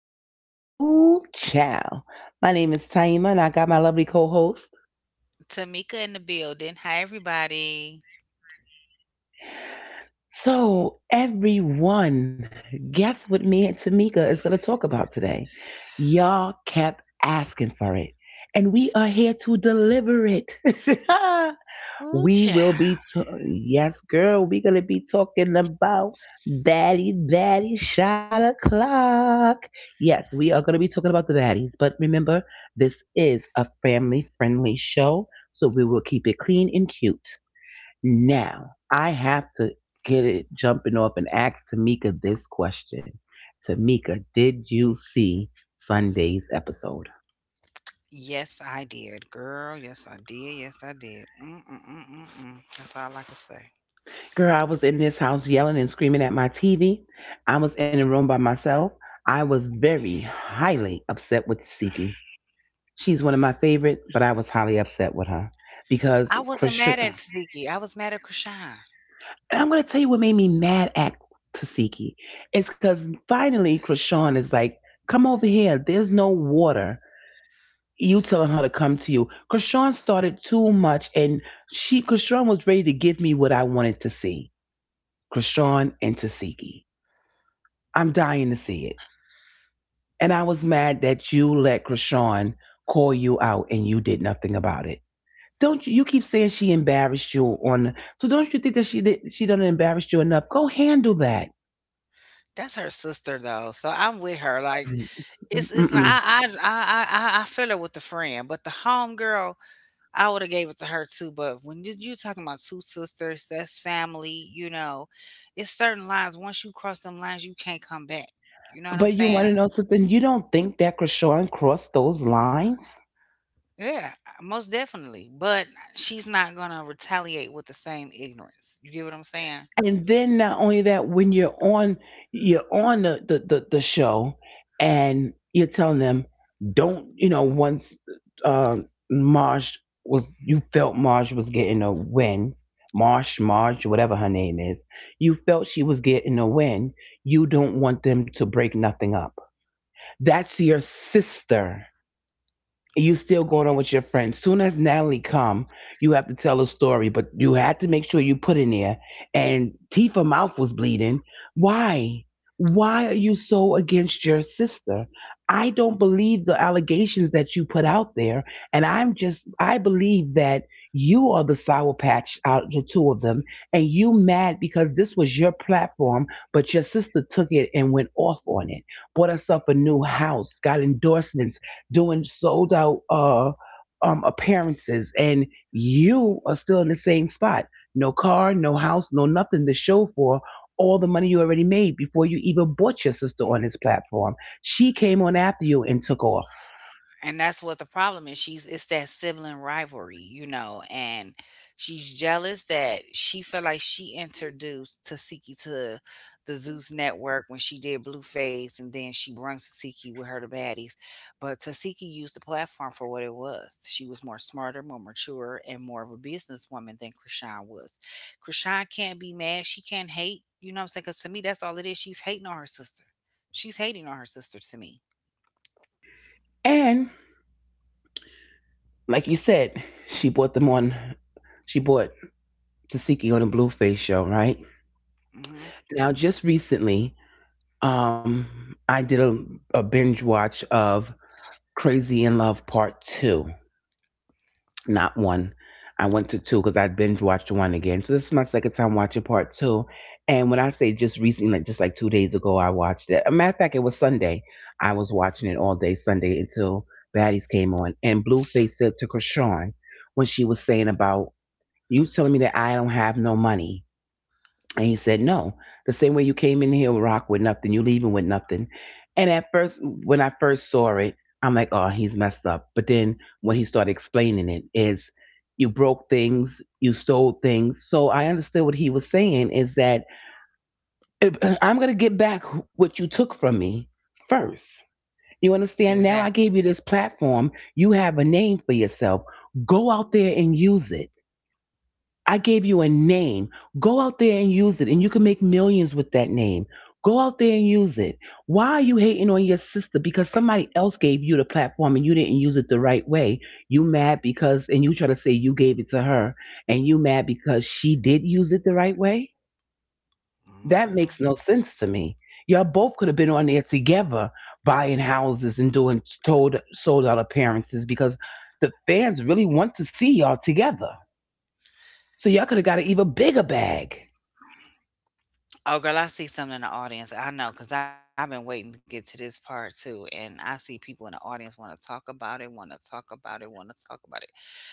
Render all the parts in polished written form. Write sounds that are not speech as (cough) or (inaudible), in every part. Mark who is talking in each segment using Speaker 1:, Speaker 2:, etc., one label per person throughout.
Speaker 1: TNT Ooh Chow. My name is Taima and I got my lovely co-host.
Speaker 2: Tamika in the building. Hi, everybody.
Speaker 1: So everyone, guess what me and Tamika is gonna talk about today? Y'all kept asking for it, and we are here to deliver it. (laughs)
Speaker 2: Ooh,
Speaker 1: We
Speaker 2: child.
Speaker 1: will be, yes, girl, we going to be talking about baddie, baddie shot o'clock. Yes, we are going to be talking about the baddies, but remember, this is a family friendly show, so we will keep it clean and cute. Now, I have to get it jumping off and ask Tamika this question. Tamika, did you see Sunday's episode?
Speaker 2: Yes, I did, girl. Yes, I did. Yes, I did. Mm-mm-mm-mm-mm. That's all I can say.
Speaker 1: Girl, I was in this house yelling and screaming at my TV. I was in a room by myself. I was very highly upset with Siki. She's one of my favorite, but I was highly upset with her
Speaker 2: I
Speaker 1: because
Speaker 2: wasn't mad at
Speaker 1: Krishan.
Speaker 2: Ziggy. I was mad at Krishan.
Speaker 1: And I'm going to tell you what made me mad at Tasiki. It's because finally Krishan is like, come over here. There's no water. You telling her to come to you. Krishan started too much, and she Krishan was ready to give me what I wanted to see. Krishan and Tasiki. I'm dying to see it. And I was mad that you let Krishan call you out and you did nothing about it. Don't you keep saying she embarrassed you on? So don't you think that she did? She done embarrassed you enough. Go handle that.
Speaker 2: That's her sister, though. So I'm with her. Like it's not.
Speaker 1: Mm-mm.
Speaker 2: I feel it with the friend, but the home girl, I would have gave it to her too. But when you talking about two sisters, that's family. You know, it's certain lines. Once you cross them lines, you can't come back. You know what I'm
Speaker 1: But you want
Speaker 2: saying?
Speaker 1: to know something? You don't think that Krishan crossed those lines?
Speaker 2: Yeah, most definitely. But she's not gonna retaliate with the same ignorance. You get what I'm saying?
Speaker 1: And then not only that, when you're on, you're on the show and you're telling them, don't you know once marsh was, you felt Marge was getting a win, marsh marge whatever her name is, you felt she was getting a win, you don't want them to break nothing up. That's your sister. You still going on with your friends. Soon as Natalie come, you have to tell a story, but you had to make sure you put in there. And Tifa mouth was bleeding. Why? Why are you so against your sister? I don't believe the allegations that you put out there, and I believe that you are the sour patch out of the two of them, and you mad because this was your platform, but your sister took it and went off on it, bought herself a new house, got endorsements doing sold out appearances, and you are still in the same spot. No car, no house, no nothing to show for all the money you already made before you even bought your sister on his platform. She came on after you and took off.
Speaker 2: And that's what the problem is. She's it's that sibling rivalry, you know. And she's jealous that she felt like she introduced Tasiki to the Zeus network when she did Blueface, and then she brings Tasiki with her to baddies. But Tasiki used the platform for what it was. She was more smarter, more mature, and more of a businesswoman than Krishan was. Krishan can't be mad, she can't hate, you know what I'm saying? Because to me, that's all it is. She's hating on her sister. She's hating on her sister, to me.
Speaker 1: And like you said, she bought them on she bought Tasiki on the Blueface show, right?
Speaker 2: Hmm.
Speaker 1: Now just recently, I did a binge watch of Crazy in Love Part 2, not one. I went to two because I binge watched one again. So this is my second time watching part two. And when I say just recently, like just like 2 days ago, I watched it. A matter of fact, it was Sunday. I was watching it all day Sunday until Baddies came on. And Blueface said to Krishan when she was saying about, you telling me that I don't have no money. And he said, no. The same way you came in here with rock with nothing, you leaving with nothing. And at first, when I first saw it, I'm like, oh, he's messed up. But then when he started explaining it, is you broke things, you stole things. So I understood what he was saying is that eh, (clears throat) I'm going to get back what you took from me first. You understand? Now I gave you this
Speaker 2: Exactly.
Speaker 1: platform. You have a name for yourself. Go out there and use it. I gave you a name. Go out there and use it, and you can make millions with that name. Go out there and use it. Why are you hating on your sister? Because somebody else gave you the platform and you didn't use it the right way. You mad because, and you try to say you gave it to her, and you mad because she did use it the right way? That makes no
Speaker 2: Mhm.
Speaker 1: sense to me. Y'all both could have been on there together buying houses and doing told, sold out appearances because the fans really want to see y'all together. So y'all could have got an even bigger bag.
Speaker 2: Oh, girl, I see something in the audience. I know because I've been waiting to get to this part too. And I see people in the audience want to talk about it, want to talk about it, want to talk about it.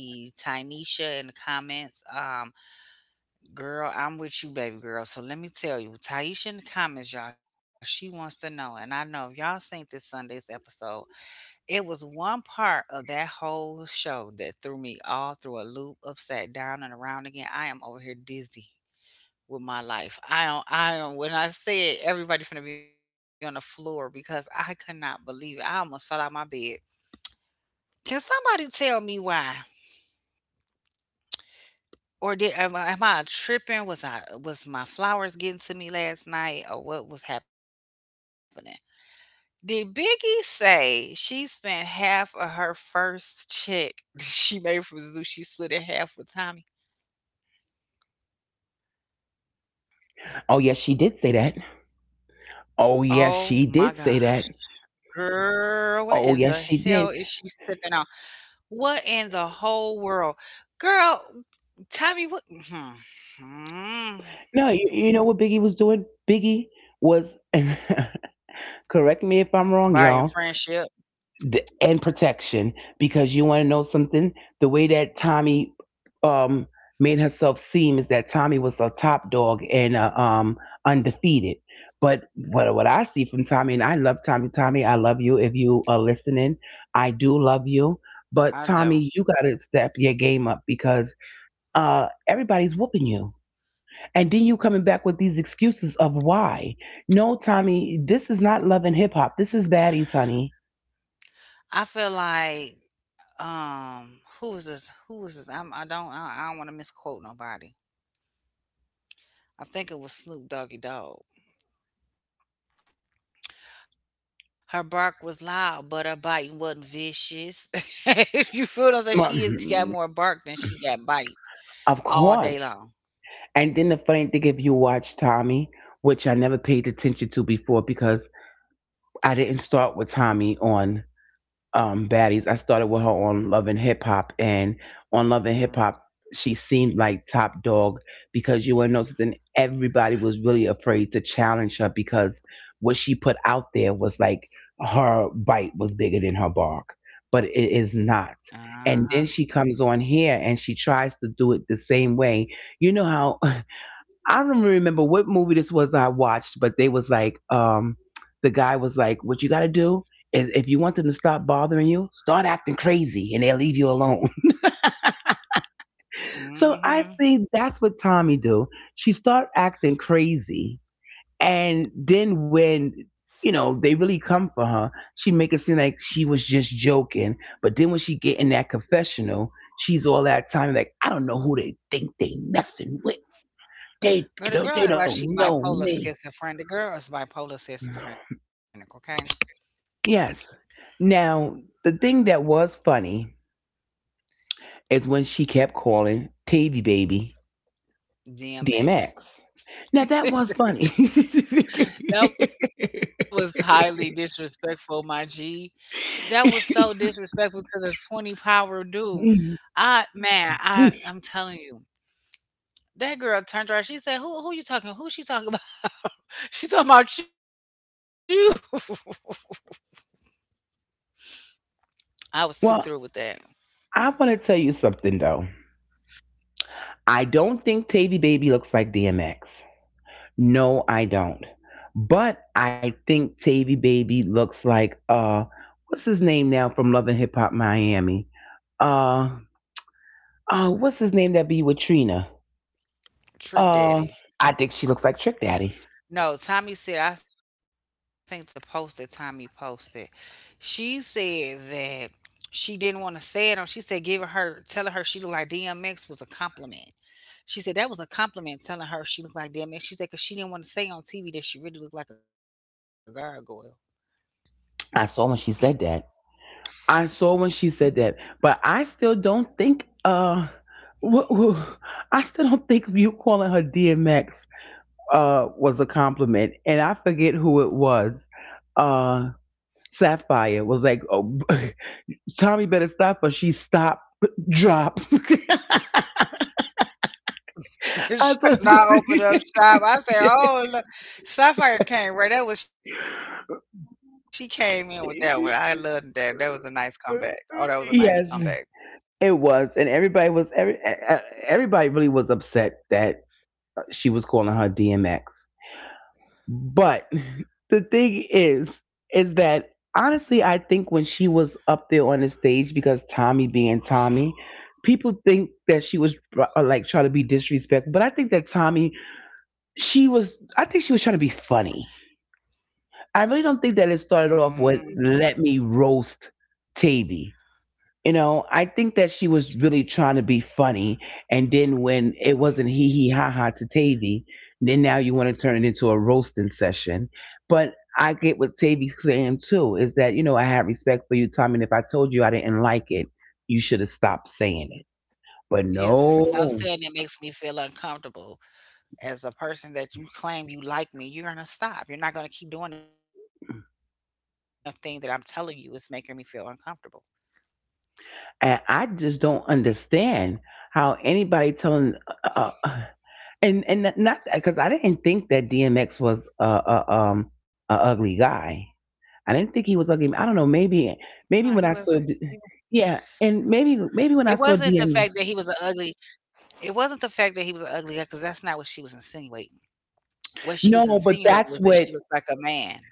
Speaker 2: I see Tynisha in the comments. Girl, I'm with you, baby girl. So let me tell you, Taisha in the comments, y'all, she wants to know. And I know if y'all seen this Sunday's episode, it was one part of that whole show that threw me all through a loop, upside down and around again. I am over here dizzy with my life. I don't when I said everybody finna be on the floor because I could not believe it. I almost fell out my bed. Can somebody tell me why? Or did, am I tripping? Was my flowers getting to me last night, or what was happening? Did Biggie say she spent half of her first check (laughs) she made from Zoo? She split it half with Tommy.
Speaker 1: Oh, yes, she did say that. Oh, yes, she did say that.
Speaker 2: Oh my gosh.
Speaker 1: Oh, yes, she
Speaker 2: Girl,
Speaker 1: did.
Speaker 2: what in the hell is she sipping on? What in the whole world? Girl, Tommy, what? Hmm.
Speaker 1: No, you know what
Speaker 2: Hmm.
Speaker 1: Biggie was doing? Biggie was, (laughs) correct me if I'm wrong,
Speaker 2: Buying
Speaker 1: y'all.
Speaker 2: friendship?
Speaker 1: The, and protection, because you want to know something, the way that Tommy um made herself seem is that Tommy was a top dog and undefeated. But what I see from Tommy, and I love Tommy. Tommy, I love you, if you are listening, I do love you, but Tommy, you
Speaker 2: I
Speaker 1: gotta
Speaker 2: don't.
Speaker 1: step your game up because everybody's whooping you, and then you coming back with these excuses of why. No Tommy, this is not Love and Hip-Hop, this is Baddies, honey.
Speaker 2: I feel like, who is this? Who is this? I don't want to misquote nobody. I think it was Snoop Doggy Dog. Her bark was loud, but her biting wasn't vicious. (laughs) You feel what I'm saying? She has got more bark than
Speaker 1: (clears throat)
Speaker 2: she got bite all
Speaker 1: Of
Speaker 2: day long.
Speaker 1: course. And then the funny thing, if you watch Tommy, which I never paid attention to before because I didn't start with Tommy on Baddies. I started with her on Love and Hip Hop. And on Love and Hip Hop, she seemed like top dog, because you want to know, everybody was really afraid to challenge her because what she put out there was like her bite was bigger than her bark, but it is not.
Speaker 2: Uh huh.
Speaker 1: And then she comes on here and she tries to do it the same way. You know how, I don't really remember what movie this was I watched, but they was like, the guy was like, "What you got to do is if you want them to stop bothering you, start acting crazy, and they'll leave you alone." (laughs)
Speaker 2: Mm-hmm.
Speaker 1: So I see that's what Tommy do. She start acting crazy, and then when, you know, they really come for her, she make it seem like she was just joking. But then when she get in that confessional, she's all that time like, "I don't know who they think they messing with.
Speaker 2: Girl,
Speaker 1: They,
Speaker 2: the girl act
Speaker 1: they
Speaker 2: like she
Speaker 1: don't know
Speaker 2: bipolar
Speaker 1: me."
Speaker 2: schizophrenic. The girl is bipolar schizophrenic, okay?
Speaker 1: Yes. Now, the thing that was funny is when she kept calling Tavy Baby
Speaker 2: DMX.
Speaker 1: DMX. Now, that was funny.
Speaker 2: That was highly disrespectful, my G. That was so disrespectful to the 20 power dude. I man, I'm telling you. That girl turned around. She said, Who you talking? Who she talking about?" (laughs) She talking about you. (laughs) I was too through with that.
Speaker 1: (laughs) Well, I want to tell you something, though. I don't think Tavy Baby looks like DMX. No, I don't. But I think Tavy Baby looks like, what's his name now from Love and Hip Hop Miami? Uh, what's his name that be with Trina?
Speaker 2: Trick
Speaker 1: Uh,
Speaker 2: daddy.
Speaker 1: I think she looks like Trick Daddy.
Speaker 2: No, Tommy said, I think the post that Tommy posted, she said that she didn't want to say it on. She said giving her, telling her she looked like DMX was a compliment. She said that was a compliment, telling her she looked like DMX. She said because she didn't want to say on TV that she really looked like a gargoyle.
Speaker 1: I saw when she said that. I saw when she said that, but I still don't think. Wh- wh- I still don't think you calling her DMX was a compliment, and I forget who it was. Uh, Sapphire was like, "Oh, (laughs) Tommy better stop," or she stopped, drop. (laughs)
Speaker 2: (laughs)
Speaker 1: I
Speaker 2: She
Speaker 1: thought.
Speaker 2: not open up shop. I said, oh, look. Sapphire came right. That was, she came in with that one. I loved that. That was a nice
Speaker 1: (laughs)
Speaker 2: comeback. Oh, that was a nice comeback.
Speaker 1: Yes, it was, and everybody was everybody really was upset that she was calling her DMX. But (laughs) the thing is that honestly, I think when she was up there on the stage, because Tommy being Tommy, people think that she was like trying to be disrespectful. But I think that Tommy, I think she was trying to be funny. I really don't
Speaker 2: Mm-hmm.
Speaker 1: think that it started off with, "Let me roast Tavy." You know, I think that she was really trying to be funny. And then when it wasn't hee hee ha ha to Tavy, then now you want to turn it into a roasting session. But I get what Tavy's saying too is that, you know, I have respect for you, Tommy. And if I told you I didn't like it, you should have stopped saying it. But
Speaker 2: Yes, if, you, if I'm saying
Speaker 1: no,
Speaker 2: it makes me feel uncomfortable as a person that you claim you like me, you're gonna stop. You're not gonna keep doing the thing that I'm telling you is making me feel uncomfortable.
Speaker 1: and I just don't understand how anybody telling, uh, uh, (sighs) and not because I didn't think that DMX was a ugly guy. I didn't think
Speaker 2: No,
Speaker 1: he
Speaker 2: he
Speaker 1: was ugly.
Speaker 2: wasn't.
Speaker 1: I don't know.
Speaker 2: He, wa-
Speaker 1: Maybe, maybe when I saw, D- yeah,
Speaker 2: it
Speaker 1: and
Speaker 2: wasn't the fact
Speaker 1: maybe
Speaker 2: that
Speaker 1: when
Speaker 2: he
Speaker 1: I
Speaker 2: was
Speaker 1: saw
Speaker 2: an ugly.
Speaker 1: DM.
Speaker 2: It wasn't the fact that he was an ugly guy, because that's not what she was insinuating. What she was
Speaker 1: No, but
Speaker 2: insinuating was
Speaker 1: that's
Speaker 2: that she
Speaker 1: what.
Speaker 2: looked like a man.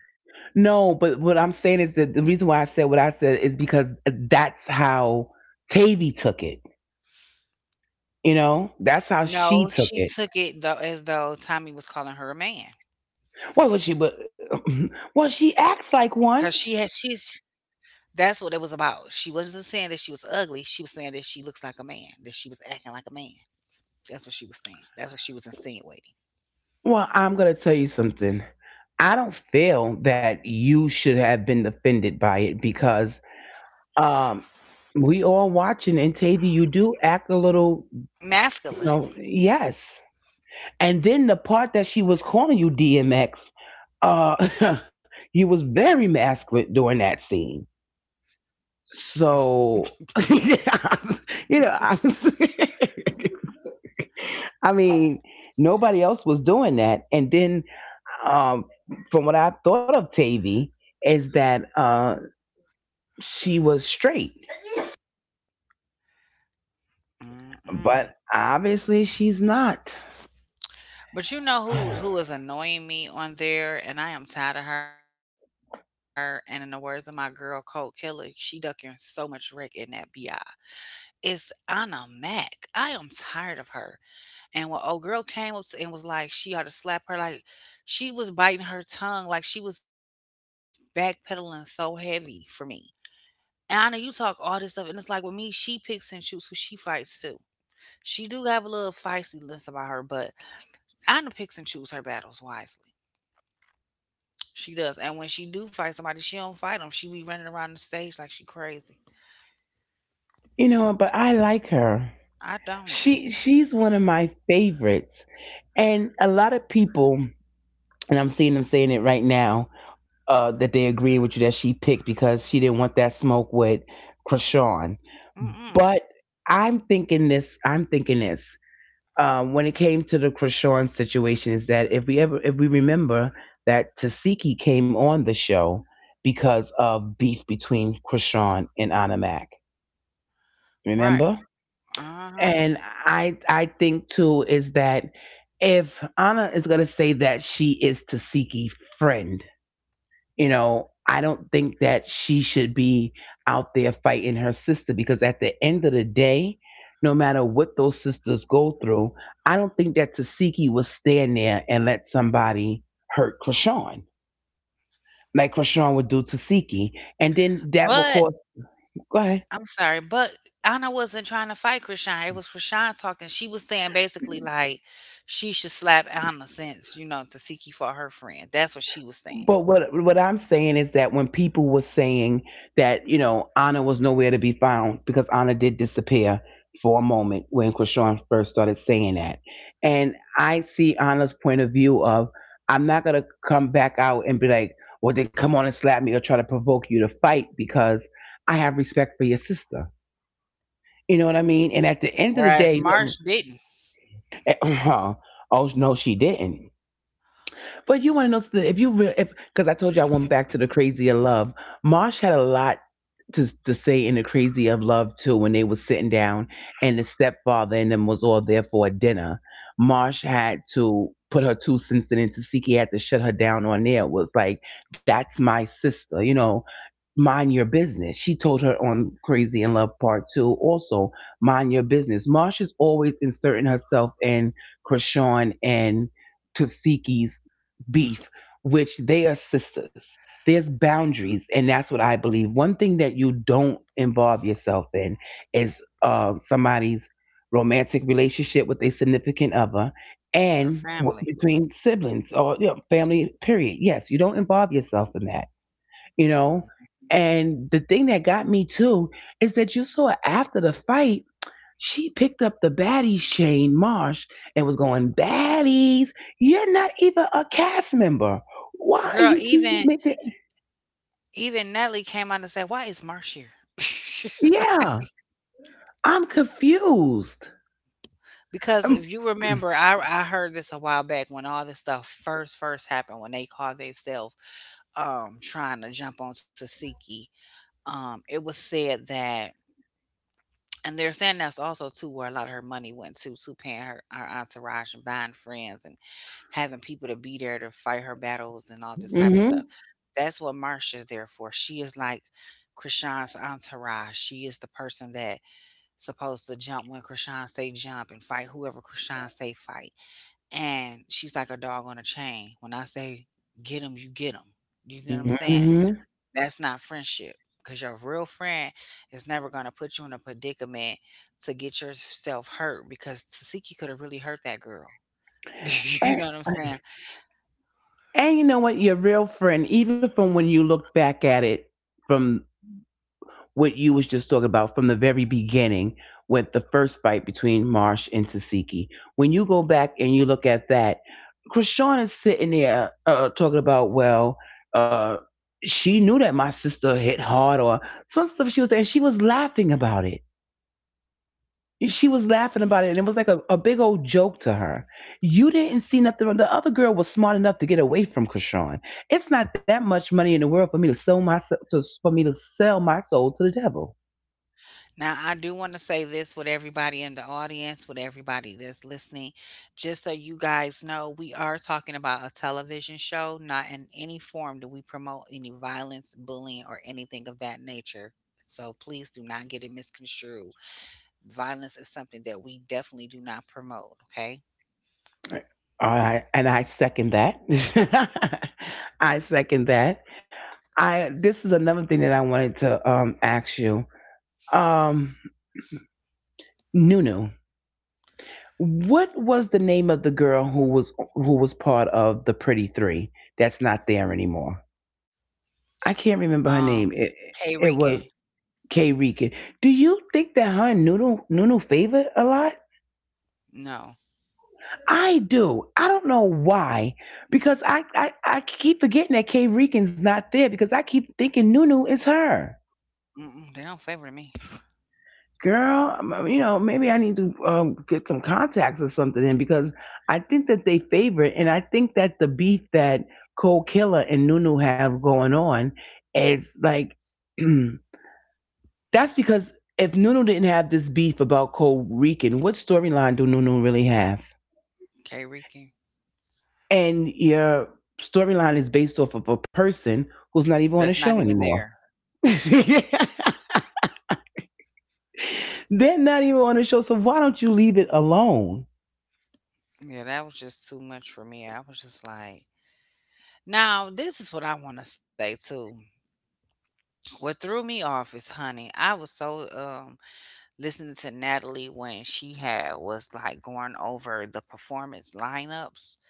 Speaker 1: No, but what I'm saying is that the reason why I said what I said is because that's how Tavy took it. You know, that's how she took
Speaker 2: No,
Speaker 1: it.
Speaker 2: she took it though as though Tommy was calling her a man
Speaker 1: Well, was she? But (clears throat) well, she
Speaker 2: because she
Speaker 1: acts
Speaker 2: has
Speaker 1: like
Speaker 2: she's
Speaker 1: one.
Speaker 2: that's what it was about. She wasn't saying that she was ugly. She was saying that she looks like a man, that she was acting like a man. That's what she was saying. That's what she was insinuating.
Speaker 1: Well, I'm gonna tell you something. I don't feel that you should have been offended by it because um, we all watching and Tavy, you do act a little.
Speaker 2: Masculine.
Speaker 1: No, yes. And then the part that she was calling you DMX, uh, (laughs) you was very masculine during that scene.
Speaker 2: (laughs)
Speaker 1: So, (laughs) yeah, you know, I was, (laughs) I mean, nobody else was doing that. And then, um, from what I thought of Tavy, is that she was straight, but
Speaker 2: Mm-mm.
Speaker 1: obviously she's not.
Speaker 2: But you know who
Speaker 1: (sighs)
Speaker 2: who is annoying me on there, and I am tired of her. And in the words of my girl Cold Killer, she ducking so much wreck in that bi. It's Anna Mac. I am tired of her. And when old girl came up and was like, she ought to slap her, like she was biting her tongue, like she was backpedaling so heavy for me. And I know you talk all this stuff, and it's like with me, she picks and chooses who she fights too. She do have a little feistiness about her, but I know picks and choose her battles wisely. She does, and when she do fight somebody, she don't fight them. She be running around the stage like she crazy.
Speaker 1: You know, but I like her.
Speaker 2: I don't.
Speaker 1: She's one of my favorites, and a lot of people, and I'm seeing them saying it right now, that they agree with you that she picked because she didn't want that smoke with Krishan.
Speaker 2: Mm-mm.
Speaker 1: But I'm thinking this. I'm thinking this. When it came to the Krishan situation, is that if we ever, if we remember that Tasiki came on the show because of beef between Krishan and Anamak.
Speaker 2: Right.
Speaker 1: Remember?
Speaker 2: Uh huh.
Speaker 1: And I think too is that if Anna is gonna say that she is Tasiki friend, you know, I don't think that she should be out there fighting her sister because at the end of the day, no matter what those sisters go through, I don't think that Tasiki would stand there and let somebody hurt Krishan like Krishan would do Tasiki, and then that will
Speaker 2: But
Speaker 1: cause. Go ahead.
Speaker 2: I'm sorry, but Anna wasn't trying to fight Krishan. It was Krishan talking. She was saying basically like she should slap Anna since, you know, Tasiki for her friend. That's what she was saying.
Speaker 1: But what I'm saying is that when people were saying that you know Anna was nowhere to be found because Anna did disappear for a moment when Krishan first started saying that, and I see Anna's point of view of I'm not gonna come back out and be like, well then come on and slap me or try to provoke you to fight because I have respect for your sister. You know what I mean? And at the end of the
Speaker 2: Whereas
Speaker 1: day,
Speaker 2: Marsh
Speaker 1: no,
Speaker 2: didn't.
Speaker 1: (clears throat) oh no, she didn't. But you want to know something? If you really, if because I told you I went back to the crazy of love. Marsh had a lot to say in the crazy of love too when they was sitting down and the stepfather and them was all there for a dinner. Marsh had to put her 2 cents in and Tasiki had to shut her down on there. It was like, that's my sister, you know, mind your business. She told her on Crazy in Love Part Two also, mind your business. Marsh is always inserting herself in Krishan and Tasiki's beef, which they are sisters. There's boundaries, and that's what I believe. One thing that you don't involve yourself in is somebody's romantic relationship with a significant other,
Speaker 2: Her
Speaker 1: and
Speaker 2: family.
Speaker 1: between siblings or you know, family. Period. Yes, you don't involve yourself in that. You know. And the thing that got me too is that you saw after the fight she picked up the baddies chain, Marsh, and was going, Baddies, you're not even a cast member. Why are
Speaker 2: Girl,
Speaker 1: you keep
Speaker 2: even
Speaker 1: making.
Speaker 2: even Nelly came out and said, "Why is Marsh here?" (laughs)
Speaker 1: Yeah, I'm confused.
Speaker 2: Because
Speaker 1: Mm
Speaker 2: if you remember, I heard this a while back when all this stuff first happened, when they called themselves trying to jump on Tsatsiki. It was said that, and they're saying that's also too where a lot of her money went to paying her her entourage and buying friends and having people to be there to fight her battles and all this type of stuff.
Speaker 1: hmm.
Speaker 2: That's what Marsha's there for. She is like Krishan's entourage. She is the person that supposed to jump when Krishan say jump, and fight whoever Krishan say fight. And she's like a dog on a chain. When I say get 'em. You know what I'm saying?
Speaker 1: Mm
Speaker 2: That's not friendship because your real friend is never going to put you in a predicament to get yourself hurt, because Tasiki could have really hurt that girl. (laughs)
Speaker 1: hmm.
Speaker 2: You know what
Speaker 1: (clears throat)
Speaker 2: I'm saying?
Speaker 1: And you know what? Your real friend, even from when you look back at it from what you was just talking about from the very beginning with the first fight between Marsh and Tasiki. When you go back and you look at that, Krishan is sitting there talking about, well, uh, she knew that my sister hit hard or some stuff she was saying. She was laughing about it. She was laughing about it, and it was like a big old joke to her. You didn't see nothing. The other girl was smart enough to get away from Krishan. It's not that much money in the world for me to sell my to for me to sell my soul to the devil.
Speaker 2: Now, I do want to say this: with everybody in the audience, with everybody that's listening, just so you guys know, we are talking about a television show. Not in any form do we promote any violence, bullying, or anything of that nature. So please do not get it misconstrued. Violence is something that we definitely do not promote, okay?
Speaker 1: All right, and I second that. (laughs) I second that. I this is another thing that I wanted to ask you. Um Nunu, what was the name of the girl who was part of the Pretty 3 that's not there anymore? I can't remember her name.
Speaker 2: Um,
Speaker 1: It
Speaker 2: K
Speaker 1: it was
Speaker 2: Rican,
Speaker 1: K Rika. Do you think that her and Nunu favored a lot?
Speaker 2: no.
Speaker 1: I do. I don't know why, because I keep forgetting that K Rican's not there because I keep thinking Nunu is her.
Speaker 2: Mm-mm, they don't favor me.
Speaker 1: Girl, you know, maybe I need to get some contacts or something in because I think that they favor it, and I think that the beef that Cole Killer and Nunu have going on is like (clears throat) that's because if Nunu didn't have this beef about Cole Rican, what storyline do Nunu really have?
Speaker 2: K Rican,
Speaker 1: And your storyline is based off of a person who's not even on
Speaker 2: that's
Speaker 1: the
Speaker 2: not
Speaker 1: show
Speaker 2: even
Speaker 1: anymore.
Speaker 2: there.
Speaker 1: (laughs) Yeah. They're not even on the show, so why don't you leave it alone?
Speaker 2: Yeah, that was just too much for me. I was just like, now, this is what I want to say too. What threw me off is, honey, I was so listening to Natalie when she had was like going over the performance lineups.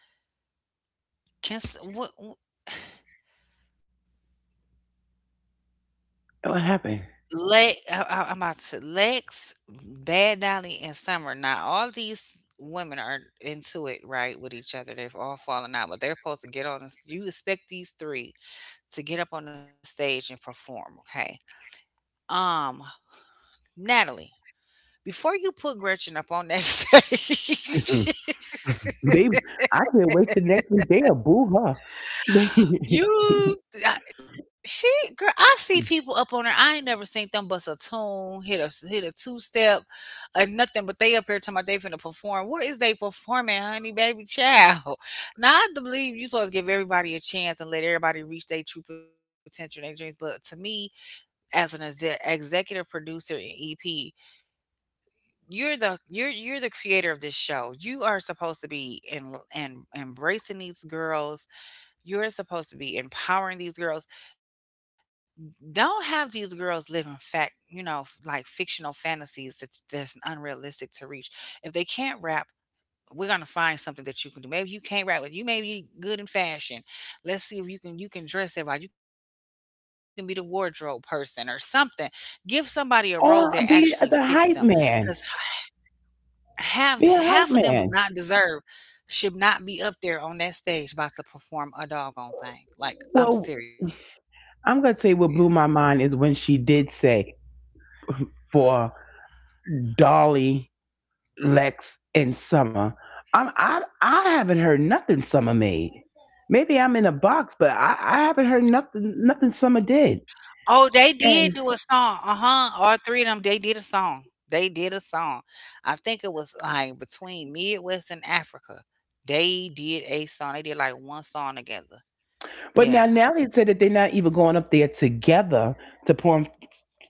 Speaker 2: Can s-
Speaker 1: What happened?
Speaker 2: Le I'm about to say Lex, Bad Dolly, and Summer. Now, all these women are into it, right, with each other. They've all fallen out, but they're supposed to get on. You expect these three to get up on the stage and perform, okay? Um, Natalie. Before you put Gretchen up on that (laughs)
Speaker 1: (laughs)
Speaker 2: stage,
Speaker 1: They, I can't wait till next week. They'll boo her.
Speaker 2: you I- she girl, I see people up on there. I ain't never seen them bust a tune, hit a hit a two step, or nothing. But they up here talking about they finna perform. Where is they performing, honey, baby child? (laughs) Now I do believe you supposed to give everybody a chance and let everybody reach their true potential, and their dreams. But to me, as an exe- executive producer and EP, you're the you're the creator of this show. You are supposed to be in and embracing these girls. You're supposed to be empowering these girls. Don't have these girls live in fact, you know, f- like fictional fantasies that's unrealistic to reach. If they can't rap, we're gonna find something that you can do. Maybe you can't rap, but you may be good in fashion. Let's see if you can you can dress everybody. You can be the wardrobe person or something. Give somebody a role that
Speaker 1: (laughs) Or
Speaker 2: actually
Speaker 1: be
Speaker 2: fits them,
Speaker 1: the hype
Speaker 2: because
Speaker 1: man. Be
Speaker 2: half
Speaker 1: a hype
Speaker 2: half of them
Speaker 1: man.
Speaker 2: do not deserve should not be up there on that stage about to perform a doggone thing. Like
Speaker 1: Well,
Speaker 2: I'm serious.
Speaker 1: I'm gonna say what blew my mind is when she did say for Dolly, Lex, and Summer. I haven't heard nothing Summer made. Maybe I'm in a box, but I haven't heard nothing
Speaker 2: Oh,
Speaker 1: Summer
Speaker 2: they
Speaker 1: did.
Speaker 2: did do a song.
Speaker 1: And
Speaker 2: Uh-huh. All three of them, they did a song. They did a song. I think it was like between Midwest and Africa. They did a song. They did like one song together.
Speaker 1: but now
Speaker 2: Yeah.
Speaker 1: Nelly said that they're not even going up there together to perform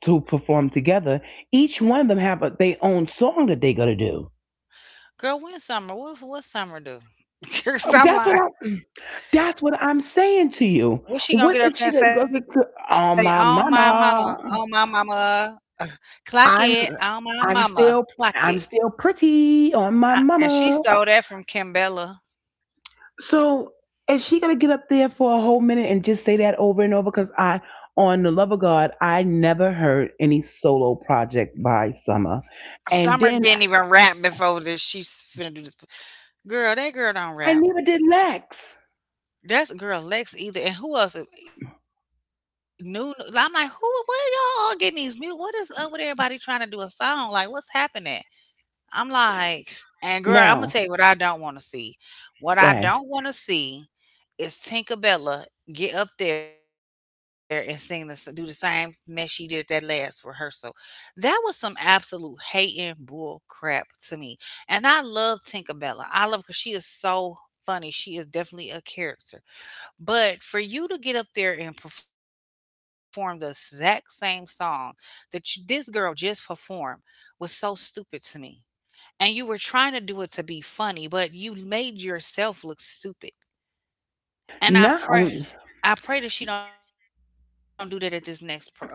Speaker 1: to perform together. Each one of them have a, their own song that they gotta do.
Speaker 2: Girl, when summer? What summer do? (laughs) Cause I'm
Speaker 1: That's what
Speaker 2: like
Speaker 1: I. That's what I'm saying to you.
Speaker 2: What's she gonna
Speaker 1: What
Speaker 2: get up
Speaker 1: if
Speaker 2: there
Speaker 1: she
Speaker 2: and
Speaker 1: could
Speaker 2: say,
Speaker 1: go to oh my
Speaker 2: Oh my
Speaker 1: mama?
Speaker 2: mama, (laughs) clock it, oh
Speaker 1: I'm
Speaker 2: my mama,
Speaker 1: I'm
Speaker 2: clock
Speaker 1: still
Speaker 2: it,"
Speaker 1: I'm still pretty on my
Speaker 2: and she
Speaker 1: mama.
Speaker 2: stole that from Kimbella.
Speaker 1: So is she gonna get up there for a whole minute and just say that over and over? Because I on the love of God, I never heard any solo project by Summer,
Speaker 2: Summer
Speaker 1: and
Speaker 2: didn't
Speaker 1: then
Speaker 2: even rap before this. She's finna do this. Girl, that girl don't
Speaker 1: I
Speaker 2: rap.
Speaker 1: never did Lex.
Speaker 2: That's girl Lex either. And who else? New. I'm like, who? Where y'all getting these mute? What is up with everybody trying to do a song? Like, what's happening? I'm like, and girl, I'm gonna tell you what
Speaker 1: Now
Speaker 2: I don't want to see. What I
Speaker 1: go
Speaker 2: don't
Speaker 1: ahead.
Speaker 2: want to see is Tinkerbella get up there and sing the s do the same mess she did at that last rehearsal. That was some absolute hating bull crap to me, and I love Tinkerbella. I love because she is so funny. She is definitely a character, but for you to get up there and perform the exact same song that you this girl just performed was so stupid to me. And you were trying to do it to be funny, but you made yourself look stupid. And
Speaker 1: Not
Speaker 2: I pray that she don't do that at this next performance.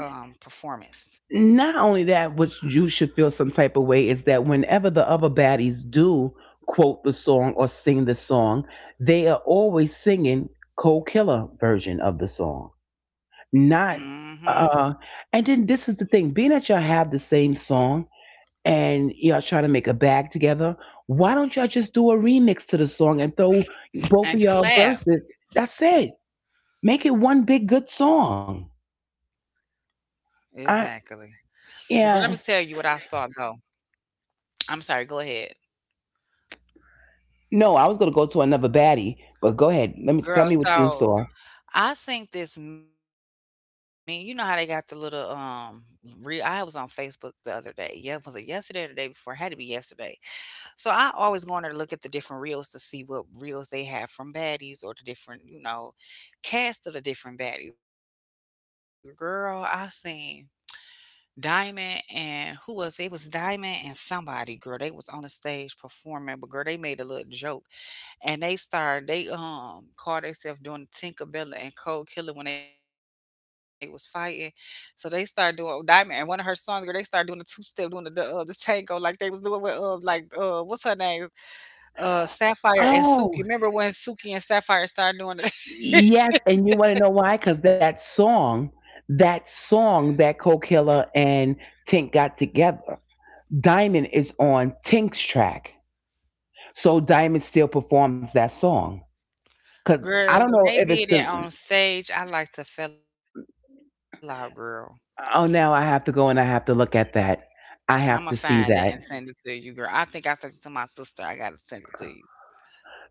Speaker 1: not only that, which you should feel some type of way is that whenever the other baddies do quote the song or sing the song, they are always singing Cold Killer version of the song,
Speaker 2: Mhm,
Speaker 1: not. Uh, and then this is the thing: being that y'all have the same song and y'all try to make a bag together, why don't y'all just do a remix to the song and throw both
Speaker 2: and
Speaker 1: of y'all
Speaker 2: collab.
Speaker 1: verses? That's it. Make it one big good song.
Speaker 2: Exactly.
Speaker 1: I
Speaker 2: But girl, let me tell you what I saw,
Speaker 1: yeah.
Speaker 2: though. I'm sorry, go ahead.
Speaker 1: No, I was gonna go to another baddie, but go ahead. Let me tell
Speaker 2: Girl,
Speaker 1: me what you
Speaker 2: so
Speaker 1: saw.
Speaker 2: I think this Me, you know how they got the little, re I was on Facebook the other day. Yeah, was it yesterday or the day before? It had to be yesterday. So I always go on there to look at the different reels to see what reels they have from baddies or the different, you know, cast of the different baddies. Girl, I seen Diamond and who was it? It was Diamond and somebody, girl. They was on the stage performing, but girl, they made a little joke and they started they called themselves doing Tinkerbella and Cold Killer when they was fighting. So they started doing Diamond and one of her songs, girl, they started doing the two step, doing the tango like they was doing with what's her name? Sapphire and Suki.
Speaker 1: Oh,
Speaker 2: Remember when Suki and Sapphire started doing the (laughs)
Speaker 1: yes, and you want to know why? Because that song, that song that Co Killer and Tink got together, Diamond is on Tink's track, so Diamond still performs that song. Because I
Speaker 2: girl,
Speaker 1: don't
Speaker 2: when
Speaker 1: know
Speaker 2: they
Speaker 1: if it's
Speaker 2: did it
Speaker 1: the.
Speaker 2: on stage, I like to fell out, girl.
Speaker 1: Oh, now I have to go and I have to look at that.
Speaker 2: I'ma
Speaker 1: I have to
Speaker 2: find it
Speaker 1: see
Speaker 2: and
Speaker 1: that.
Speaker 2: send it to you, girl. I think I sent it to my sister. I gotta send it to you.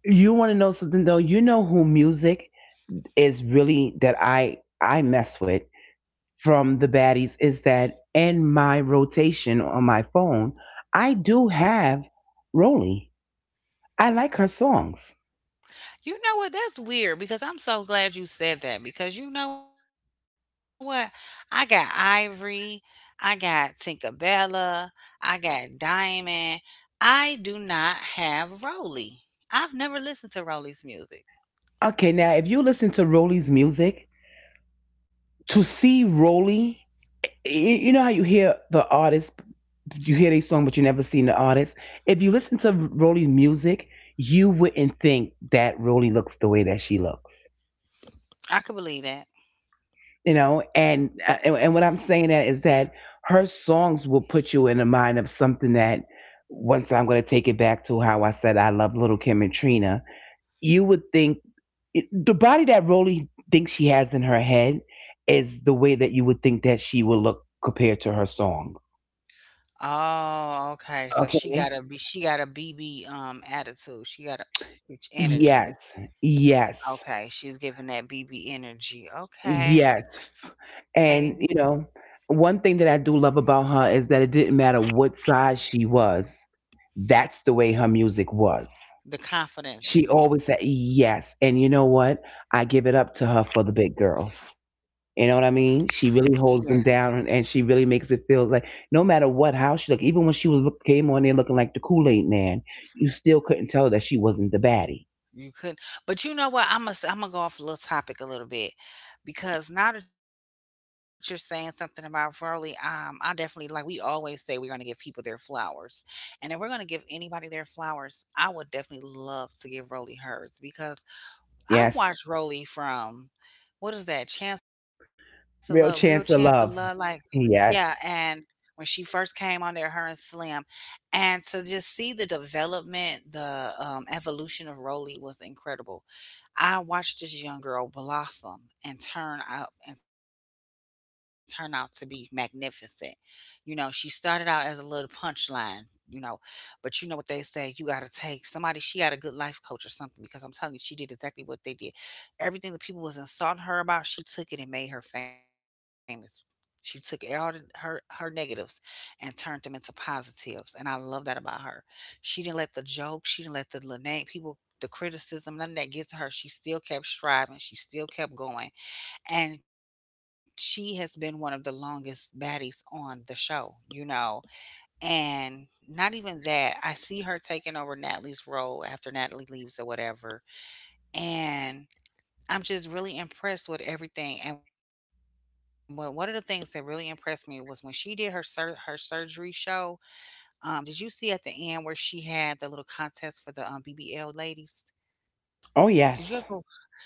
Speaker 1: You want to know something though? You know who music is really that I mess with. From the baddies is that in my rotation on my phone, I do have Rolly. I like her songs.
Speaker 2: You know what? That's weird because I'm so glad you said that because you know what? I got Ivory, I got Tinkerbella, I got Diamond. I do not have Rolly. I've never listened to Rolly's music.
Speaker 1: Okay, now if you listen to Rolly's music, to see Rolly, you know how you hear the artist, you hear their song, but you never seen the artist. If you listen to Rolly's music, you wouldn't think that Rolly looks the way that she looks.
Speaker 2: I could believe that.
Speaker 1: You know and and what I'm saying that is that her songs will put you in the mind of something that once I'm going to take it back to how I said I love little Kim and Trina you would think it, the body that Rolly thinks she has in her head is the way that you would think that she will look compared to her songs.
Speaker 2: Oh, okay. So she got a
Speaker 1: Okay.
Speaker 2: B she got a BB attitude. She got a bitch energy.
Speaker 1: Yes. Yes.
Speaker 2: Okay, she's giving that BB energy. Okay.
Speaker 1: Yes. And, you know, one thing that I do love about her is that it didn't matter what size she was, that's the way her music was.
Speaker 2: The confidence.
Speaker 1: She always said yes. And you know what? I give it up to her for the big girls. You know what I mean?
Speaker 2: Yes,
Speaker 1: She really holds them down and she really makes it feel like no matter what how she looked, even when she was look, came on there looking like the Kool-Aid man, you still couldn't tell that she wasn't the baddie.
Speaker 2: you could. But you know what? I'm gonna go off a little topic a little bit because now that you're saying something about Verly, I definitely like we always say we're gonna give people their flowers, and if we're gonna give anybody their flowers, I would definitely love to give Rolly hers because I've watched
Speaker 1: Yes.
Speaker 2: Rolly from what is that Chance of Love, Real Chance of
Speaker 1: Real
Speaker 2: Love, like
Speaker 1: chance of love.
Speaker 2: yeah, and
Speaker 1: Yes.
Speaker 2: when she first came on there, her and Slim, and to just see the development, the, evolution of Rolly was incredible. I watched this young girl blossom and turn out to be magnificent. You know, she started out as a little punchline, you know, but you know what they say, you got to take somebody, she got a good life coach or something because I'm telling you, she did exactly what they did. Everything that people was insulting her about, she took it and made her famous. She took her negatives and turned them into positives, and I love that about her. She didn't let the little name people, the criticism, none of that get to her. She still kept striving. She still kept going and she has been one of the longest baddies on the show, you know? And not even that, I see her taking over Natalie's role after Natalie leaves or whatever. And I'm just really impressed with everything. One of the things that really impressed me was when she did her surgery show. Did you see at the end where she had the little contest for the BBL ladies?
Speaker 1: Oh
Speaker 2: Did you ever
Speaker 1: yes.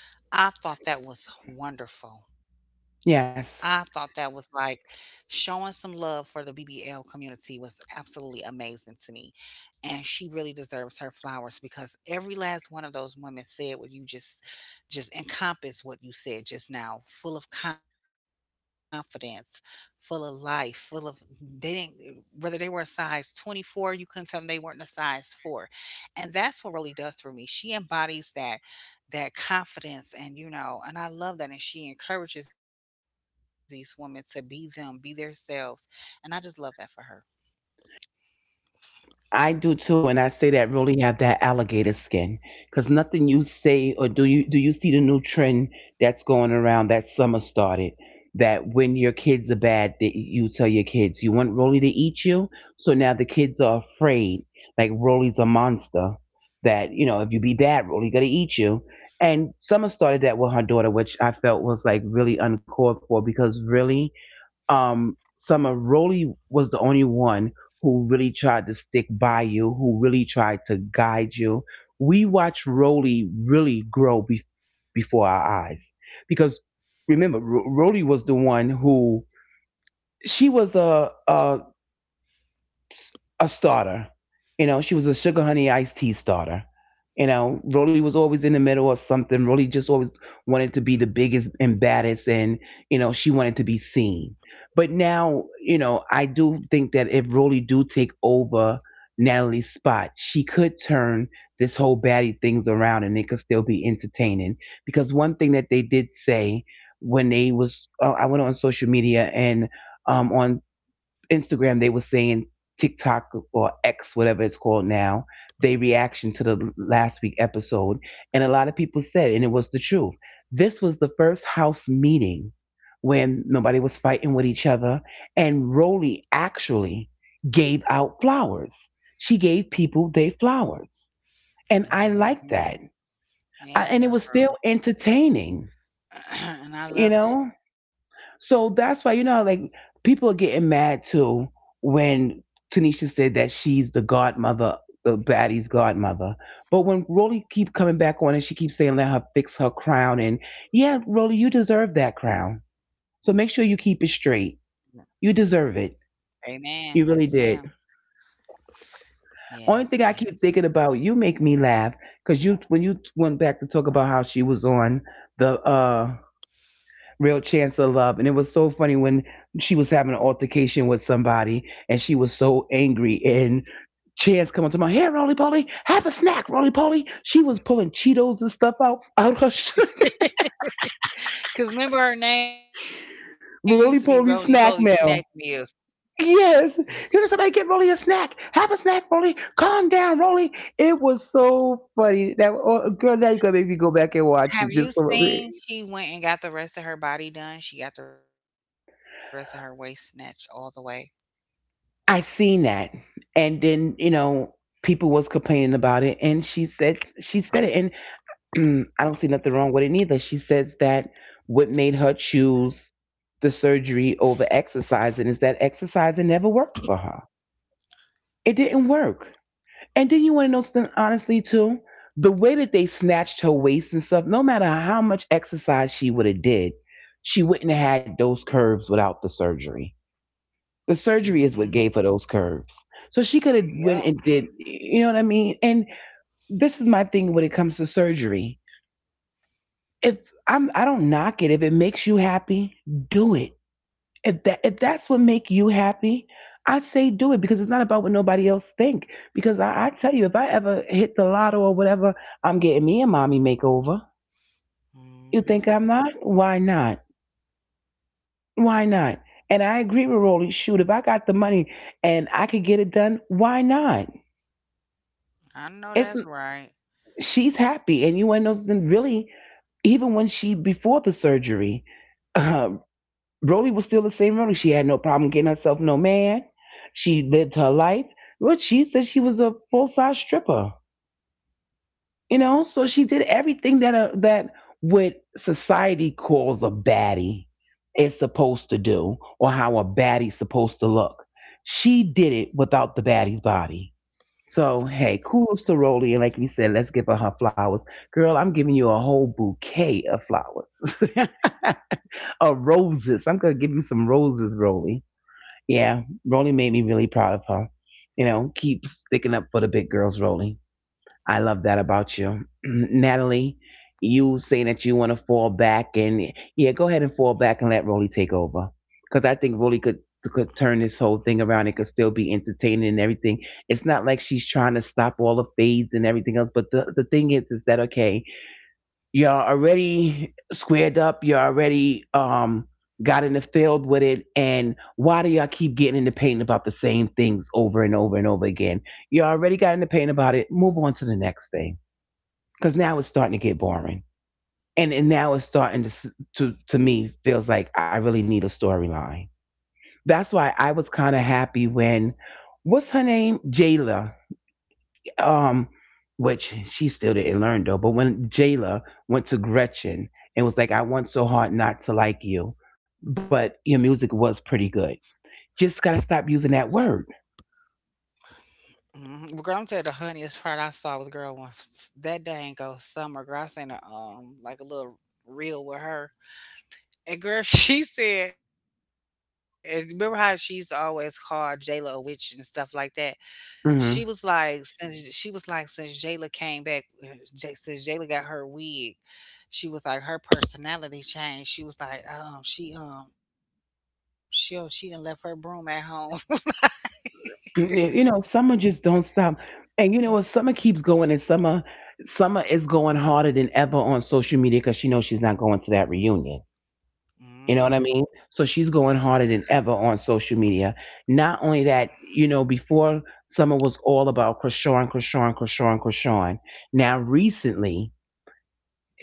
Speaker 2: I thought that was wonderful. I thought that was
Speaker 1: Yes.
Speaker 2: like Showing some love for the BBL community was absolutely amazing to me. And she really deserves her flowers because every last one of those women said what you just encompassed what you said just now, full of confidence, full of life, full of they didn't whether they were a size 24, you couldn't tell them they weren't a size 4, and that's what Roly does for me. She embodies that confidence and you know, and I love that and she encourages these women to be them, be themselves. And I just love that for her.
Speaker 1: I do too, and I say that really have that alligator skin because nothing you say or do you see the new trend that's going around that summer started that when your kids are bad that you tell your kids you want Rolly to eat you so now the kids are afraid like Rolly's a monster that you know if you be bad Rolly gonna eat you and summer started that with her daughter which I felt was like really uncalled for because really Summer really was the only one who really tried to stick by you, who really tried to guide you. We watched Roly really grow before our eyes because remember, Roly was the one who she was a starter. You know, she was a sugar honey iced tea starter. You know, Rolly was always in the middle or something. Rolly just always wanted to be the biggest and baddest, and you know, she wanted to be seen. But now, you know, I do think that if Rolly do take over Natalie's spot, she could turn this whole baddie things around, and it could still be entertaining. Because one thing that they did say when they was, oh, I went on social media and on Instagram, they were saying TikTok or X, whatever it's called now, they reaction to the last week episode, and a lot of people said, and it was the truth. This was the first house meeting when nobody was fighting with each other, and Rolly actually gave out flowers. She gave people their flowers, and I liked
Speaker 2: Mhm.
Speaker 1: that, I,
Speaker 2: Yeah, I
Speaker 1: and it
Speaker 2: love
Speaker 1: was
Speaker 2: Roly.
Speaker 1: still entertaining,
Speaker 2: (clears throat) And I
Speaker 1: you
Speaker 2: loved it.
Speaker 1: know. So that's why you know, like people are getting mad too when Tanisha said that she's the godmother, the baddie's godmother. But when Rolly keep coming back on and she keeps saying let her fix her crown, and yeah, Rolly, you deserve that crown. So make sure you
Speaker 2: Yeah.
Speaker 1: keep it straight. You deserve it.
Speaker 2: Amen. Yes,
Speaker 1: You
Speaker 2: ma'am.
Speaker 1: really did.
Speaker 2: Yes,
Speaker 1: Only thing I
Speaker 2: yes.
Speaker 1: keep thinking about, you make me laugh because you when you went back to talk about how she was on the Real Chance of Love. And it was so funny when she was having an altercation with somebody and she was so angry and Chance come up to my hair, Roly Poly, have a snack, Roly Poly. She was pulling Cheetos and stuff out her sh-
Speaker 2: Because remember, her name used to be Roly Poly
Speaker 1: (laughs) Roly
Speaker 2: Snack
Speaker 1: Poly
Speaker 2: Meals.
Speaker 1: snack mail. Yes, you know somebody get Roly a snack. Have a snack, Roly. Calm down, Roly. It was so funny. That oh, girl, now you're gonna make me go back and watch
Speaker 2: Have
Speaker 1: it.
Speaker 2: you
Speaker 1: Just so
Speaker 2: seen she went and got the rest of her body done? She got the rest of her waist snatched all the way.
Speaker 1: I seen that, and then you know people was complaining about it, and she said it, and I don't see nothing wrong with it neither. She says that what made her choose the surgery over exercising is that exercising never worked for her. It didn't work. And then you want to know something honestly too. The way that they snatched her waist and stuff, no matter how much exercise she would have did, she wouldn't have had those curves without the surgery.
Speaker 2: Mm-hmm.
Speaker 1: The surgery is what gave her those curves. So she could have
Speaker 2: Yep.
Speaker 1: went and did, you know what I mean? And this is my thing when it comes to surgery. If I'm, I don't knock it. If it makes you happy, do it. If that, if that's what make you happy, I say do it because it's not about what nobody else think. Because I tell you, if I ever hit the lotto or whatever, I'm getting me a mommy makeover. You think
Speaker 2: Mm-hmm.
Speaker 1: I'm not? Why not? Why not? And I agree with Rolly. Shoot, if I got the money and I could get it done, why not?
Speaker 2: I know
Speaker 1: It's
Speaker 2: that's right.
Speaker 1: she's happy. And you want to know something? Really, even when she before the surgery, uh, Rody was still the same Rody. She had no problem getting herself no man. She lived her life. Well, she said she was a full size stripper. You know, so she did everything that a, that what society calls a baddie is supposed to do, or how a baddie's supposed to look. She did it without the baddie's body so hey, kudos to Rolly, and like we said, let's give her her flowers. Girl, I'm giving you a whole bouquet of flowers, (laughs) of roses. I'm gonna give you some roses, Rolly. Yeah, Rolly made me really proud of her. You know, keep sticking up for the big girls, Rolly. I love that about you. (clears throat) Natalie, you saying that you want to fall back and yeah, go ahead and fall back and let Rolly take over. Because I think Rolly could turn this whole thing around. It could still be entertaining and everything. It's not like she's trying to stop all the fades and everything else. But the thing is that okay, you're already squared up, you're already got in the field with it and why do y'all keep getting in the pain about the same things over and over and over again? You already got in the paint about it. Move on to the next thing because now it's starting to get boring and now it's starting to to me feels like I really need a storyline. That's why I was kind of happy when what's her name Jayla, um which she still didn't learn though, but when Jayla went to Gretchen and was like I want so hard not to like you, but your music was pretty good, just gotta stop using that word.
Speaker 2: Hmm. Well, girl, I'm tell you the honeyest part I saw was girl when that dang go summer. Girl, I seen a like a little reel with her, and girl, (laughs) she said, and remember how she used to always call Jayla a witch and stuff like that.
Speaker 1: Mhm.
Speaker 2: She was like, since Jayla came back, since Jayla got her wig, she was like her personality changed. She was like, She done left her broom at home.
Speaker 1: And you know, summer just don't stop. And you
Speaker 2: (laughs)
Speaker 1: know what? Summer keeps going, and summer is going harder than ever on social media because she knows she's not going to that reunion. You know
Speaker 2: Hmm.
Speaker 1: what I mean? So she's going harder than ever on social media. Not only that, you know, before summer was all about Krishan. Now recently,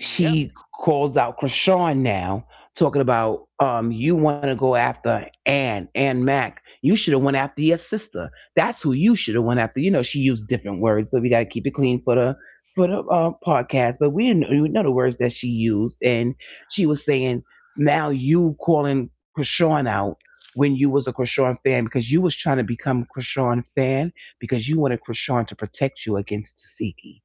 Speaker 2: Yep.
Speaker 1: calls out Krishan now, talking about you want to go after Ann, Ann Mac. You should have went after your sister. That's who you should have went after. You know, she used different words, but we got to keep it clean for the for the podcast. But we didn't we know the words that she used, and she was saying now you calling Krishan out when you was a Krishan fan because you was trying to become Krishan fan because you wanted Krishan to protect you against Tasiki.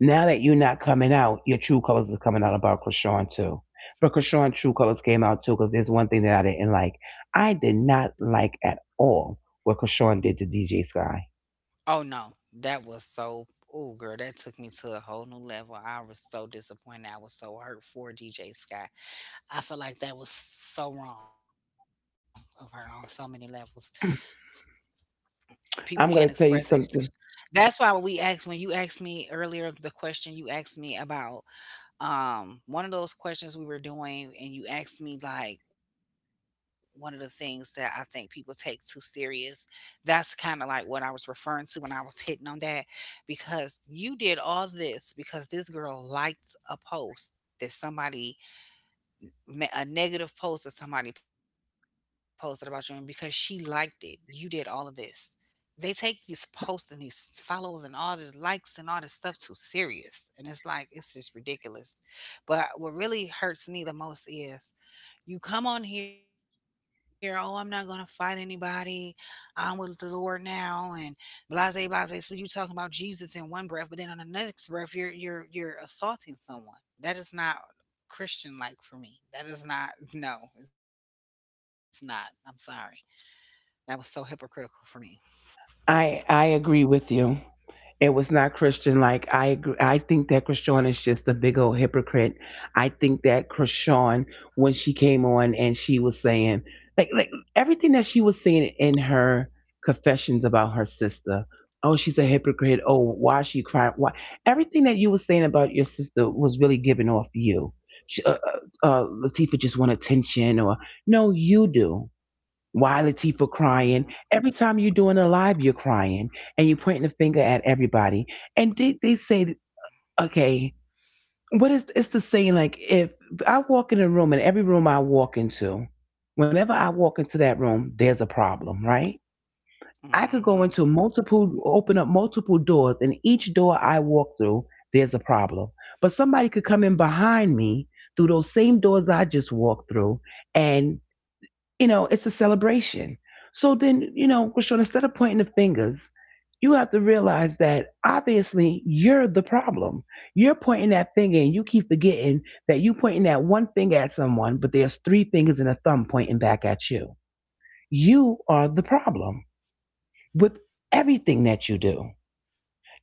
Speaker 1: Now that you're not coming out, your true colors is coming out about Krishan too. But Krishan true colors came out too because there's one thing that I didn't like. I did not like at all what Krishan did to DJ Sky.
Speaker 2: Oh no, that was so. Oh girl, that took me to a whole new level. I was so disappointed. I was so hurt for DJ Sky. I feel like that was so wrong of her on so many levels. People can't express
Speaker 1: I'm
Speaker 2: their.
Speaker 1: gonna tell you something.
Speaker 2: That's why when we asked, When you asked me earlier, the question you asked me about one of those questions we were doing and you asked me like one of the things that I think people take too serious, that's kind of like what I was referring to when I was hitting on that because you did all this because this girl liked a post that somebody a negative post that somebody posted about you, and because she liked it you did all of this. They take these posts and these follows and all this likes and all this stuff too serious. And it's like, it's just ridiculous. But what really hurts me the most is you come on here, oh, I'm not going to fight anybody. I'm with the Lord now. And blase, blase. So you talking about Jesus in one breath, but then on the next breath, you're assaulting someone. That is not Christian like for me. That is not, no, it's not. I'm sorry. That was so hypocritical for me.
Speaker 1: I agree with you. It was not Christian. Like I, agree. I think that Krishan is just a big old hypocrite. I think that Krishan, when she came on and she was saying, like everything that she was saying in her confessions about her sister. Oh, she's a hypocrite. Oh, why is she crying? Why? Everything that you were saying about your sister was really given off you. She, Latifah just want attention, or no, you do. Why
Speaker 2: Mm-hmm.
Speaker 1: Latifah crying? Every time you're doing a live, you're crying and you're pointing the finger at everybody. And did they say, that- okay, what is it's the saying? Like if I walk in a room, and every room I walk into, whenever I walk into that room, there's a problem, right? I could
Speaker 2: Mm-hmm.
Speaker 1: go into multiple, open up multiple doors, and each door I walk through, there's a problem. But somebody could come in behind me through those same doors I just walked through, and you know, it's a celebration. So then, you know, Krishan, instead of pointing the fingers, you have to realize that obviously you're the problem. You're pointing that finger and you keep forgetting that you pointing that one finger at someone, but there's three fingers and a thumb pointing back at you. You are the problem with everything that you do.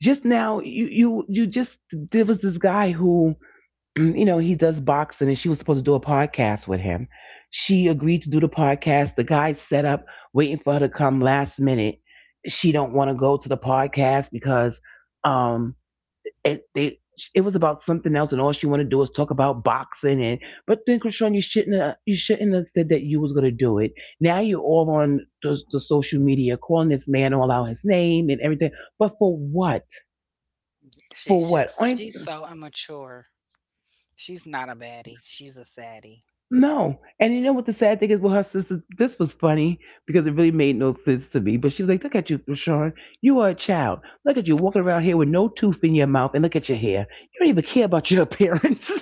Speaker 1: Just now you just there was this guy who (clears throat) you know, he does boxing and she was supposed to do a podcast with him. She agreed to do the podcast. The guy set up waiting for her to come last minute. She don't want to go to the podcast because um it they it was about something else and all she wanted to do was talk about boxing and but then Krishan, you shouldn't have said that you was gonna do it. Now you're all on the social media calling this man all out his name and everything. But for what? For what? Only
Speaker 2: She's so immature. She's not a baddie. She's a saddie.
Speaker 1: no. And you know what the sad thing is? Well, her sister, this was funny because it really made no sense to me. But she was like, look at you, Rashawn. You are a child. Look at you walking around here with no tooth in your mouth and look at your hair. You don't even care about your appearance. (laughs)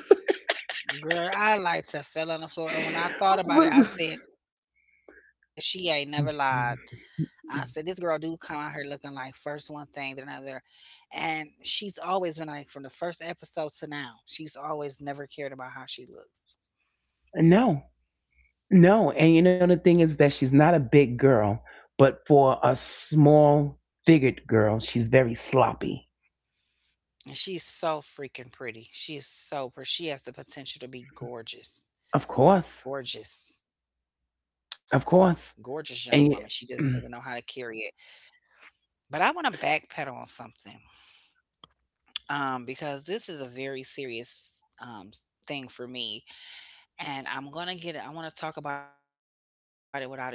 Speaker 2: Girl, I like to fell on the floor. And when I thought about it,
Speaker 1: But-
Speaker 2: I said she ain't never lied. I said this girl do come out here looking like first one thing then another. And she's always been like from the first episode to now. She's always never cared about how she looks.
Speaker 1: no, no. And you know, the thing is that she's not a big girl, but for a small figured girl, she's very sloppy.
Speaker 2: And she's so freaking pretty. She is so pretty. She has the potential to be gorgeous.
Speaker 1: Of course.
Speaker 2: Gorgeous. Gorgeous young
Speaker 1: Of
Speaker 2: woman. She just
Speaker 1: course.
Speaker 2: doesn't know how to
Speaker 1: And
Speaker 2: carry it.
Speaker 1: (clears throat)
Speaker 2: But I want to backpedal on something because this is a very serious thing for me. And I'm going to get it, I want to talk about it without it getting too political.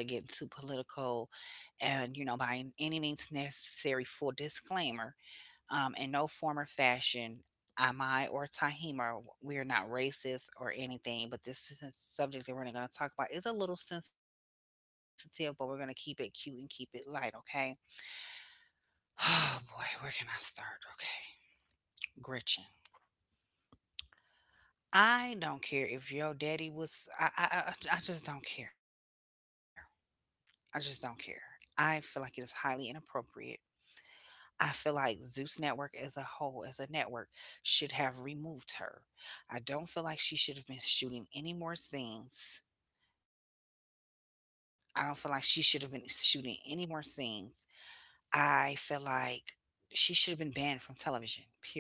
Speaker 2: And, you know, any means necessary, full disclaimer in no form or fashion, am I or Tahima, we're not racist or anything, but this is a subject that we're going to talk about is a little sensitive, but we're going to keep it cute and keep it light, okay? (sighs) Oh boy, where can I start? Okay. Gretchen. I don't care if your daddy was I just don't care. I just don't care. I feel like it is highly inappropriate. I feel like Zeus Network as a whole, as a network, should have removed her. I don't feel like she should have been shooting any more scenes. I don't feel like she should have been shooting any more scenes. I feel like she should have been banned from television, period.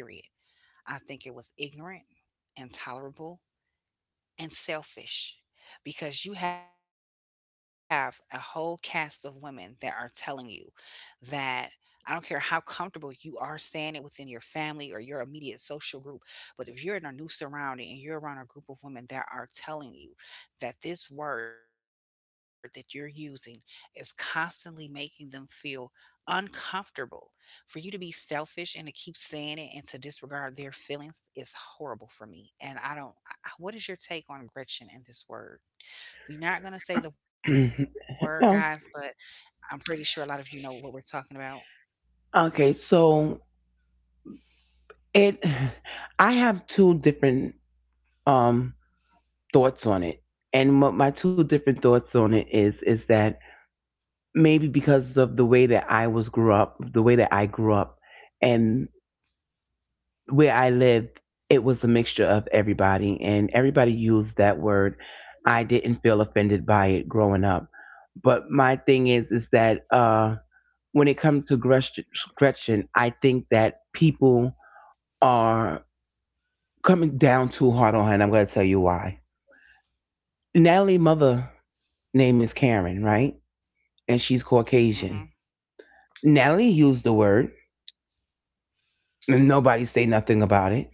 Speaker 2: I think it was ignorant, intolerable, and selfish because you have a whole cast of women that are telling you that I don't care how comfortable you are standing within your family or your immediate social group, but if you're in a new surrounding and you're around a group of women that are telling you that this word that you're using is constantly making them feel uncomfortable, for you to be selfish and to keep saying it and to disregard their feelings is horrible for me. And I don't, I- What is your take on Gretchen and this word? We're not going to say the word, guys, but
Speaker 1: no.
Speaker 2: I'm pretty sure a lot of you know what we're talking about.
Speaker 1: Okay, so it, (sighs) I have two different um thoughts on it, and what my two different thoughts on it is that maybe because of the way that I was grew up, the way that I grew up, and where I lived, it was a mixture of everybody, and everybody used that word. I didn't feel offended by it growing up, but my thing is that when it comes to Gretchen, Gretchen, I think that people are coming down too hard on her, and I'm going to tell you why. Natalie mother name is Karen, right?
Speaker 2: Hmm.
Speaker 1: And she's Caucasian. Natalie used the word, and nobody say nothing about it.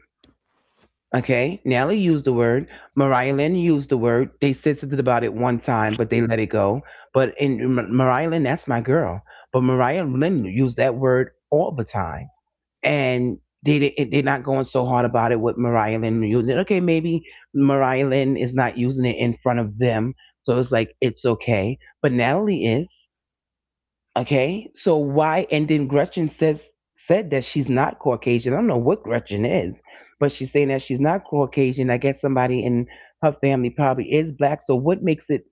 Speaker 1: Okay, Natalie used the word. Mariah Lynn used the word. They sensitive about it one time, but they let it go. But in Mariah Lynn, that's my girl. But Mariah Lynn used that word all the time, and they they're not going so hard about it with Mariah Lynn using it. Okay, maybe Mariah Lynn is not using it in front of them, so it's like it's okay. But Natalie is. Okay, so why? And then Gretchen says said that she's not Caucasian. I don't know what Gretchen is, but she's saying that she's not Caucasian. I guess somebody in her family probably is black. So what makes it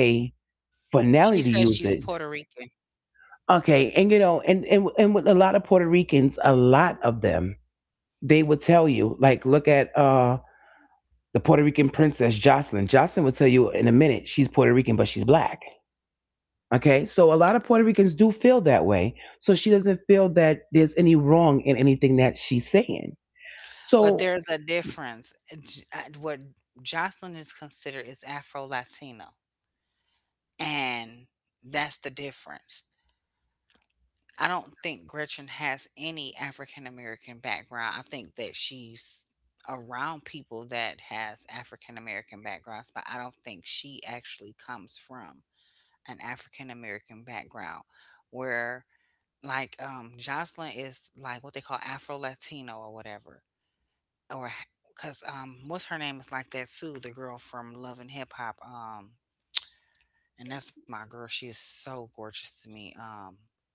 Speaker 2: She says she's
Speaker 1: for
Speaker 2: Puerto
Speaker 1: Nelly to
Speaker 2: Rican,
Speaker 1: use it? Okay, and and with a lot of Puerto Ricans, a lot of them, they would tell you, like, look at the Puerto Rican princess Jocelyn. Jocelyn would tell you in a minute she's Puerto Rican, but she's black. Okay, so a lot of Puerto Ricans do feel that way. So she doesn't feel that there's any wrong in anything that she's saying.
Speaker 2: but there's
Speaker 1: So,
Speaker 2: a difference. What Jocelyn is considered is Afro Latino, and that's the difference. I don't think Gretchen has any African American background. I think that she's around people that has African American backgrounds, but I don't think she actually comes from an African American background where like Jocelyn is like what they call Afro Latino or whatever. Or cuz what's her name is like that too, the girl from Love and Hip Hop, and that's my girl. She is so gorgeous to me.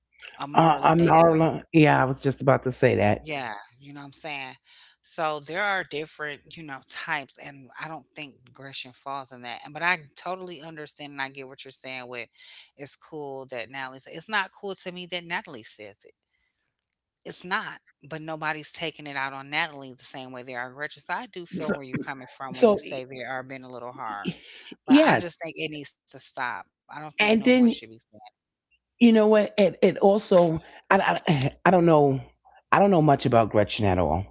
Speaker 2: Amara La
Speaker 1: I
Speaker 2: Negra.
Speaker 1: Marla. Yeah, I was just about to say that.
Speaker 2: Yeah, you know what I'm saying? So there are different, you know, types and I don't think Gresham falls in that. And But I totally understand and I get what you're saying with it's cool that Natalie said, it's not cool to me that Natalie says it. It's not. But nobody's taking it out on Natalie the same way they are Gretchen. So I do feel where you're
Speaker 1: So,
Speaker 2: coming from when you
Speaker 1: so
Speaker 2: say they
Speaker 1: y-
Speaker 2: are being a little hard.
Speaker 1: y-
Speaker 2: But I just
Speaker 1: yes,
Speaker 2: think it needs to stop. I don't think no one should be
Speaker 1: and
Speaker 2: saying
Speaker 1: then you know what? It also I (sighs) I don't know, I don't know much about Gretchen at all.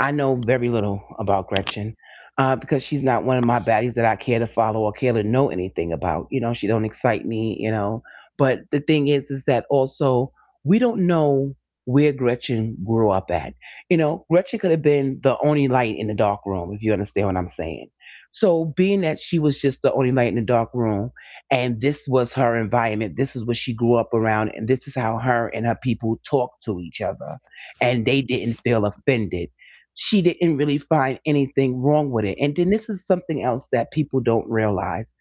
Speaker 1: I know very little about Gretchen, because she's not one of my baddies that I care to follow or care to know anything about. You know, she don't excite me. You know, but the thing is that also we don't know where Gretchen grew up at. You know, Gretchen could have been the only light in the dark room, if you understand what I'm saying. So being that she was just the only light in the dark room and this was her environment. This is what she grew up around, and this is how her and her people talked to each other, and they didn't feel offended. She didn't really find anything wrong with it. And then this is something else that people don't realize.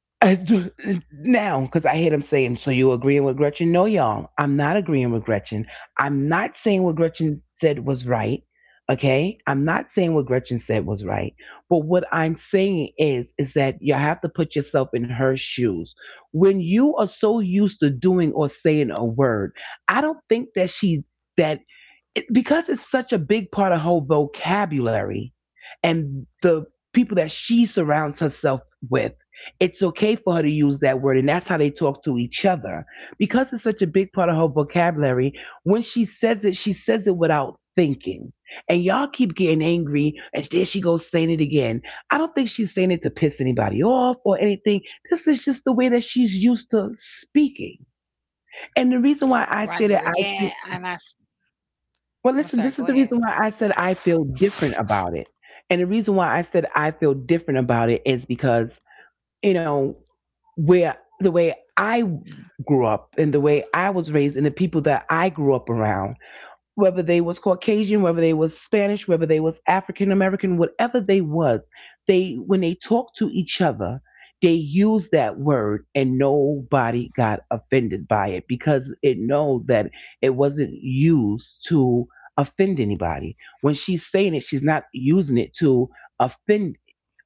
Speaker 1: (laughs) Uh, now because I heard him saying, so you agreeing with Gretchen? No, y'all, I'm not agreeing with Gretchen. I'm not saying what Gretchen said was right. Okay, I'm not saying what Gretchen said was right, but what I'm saying is that you have to put yourself in her shoes. When you are so used to doing or saying a word, I don't think that she's that it, because it's such a big part of her vocabulary and the people that she surrounds herself with, it's okay for her to use that word. And that's how they talk to each other. Because it's such a big part of her vocabulary, when she says it without thinking. And y'all keep getting angry, and there she goes saying it again. I don't think she's saying it to piss anybody off or anything. This is just the way that she's used to speaking.
Speaker 2: that. Right.
Speaker 1: And the
Speaker 2: But
Speaker 1: reason why
Speaker 2: again,
Speaker 1: I say that I
Speaker 2: I'm sorry. Go
Speaker 1: Well,
Speaker 2: ahead.
Speaker 1: listen, this is the reason why I said I feel different about it. And the reason why I said I feel different about it is because, you know, where the way I grew up and the way I was raised and the people that I grew up around, whether they was Caucasian, whether they was Spanish, whether they was African American, whatever they was, they when they talked to each other, they used that word, and nobody got offended by it because it know that it wasn't used to offend anybody. When she's saying it, she's not using it to offend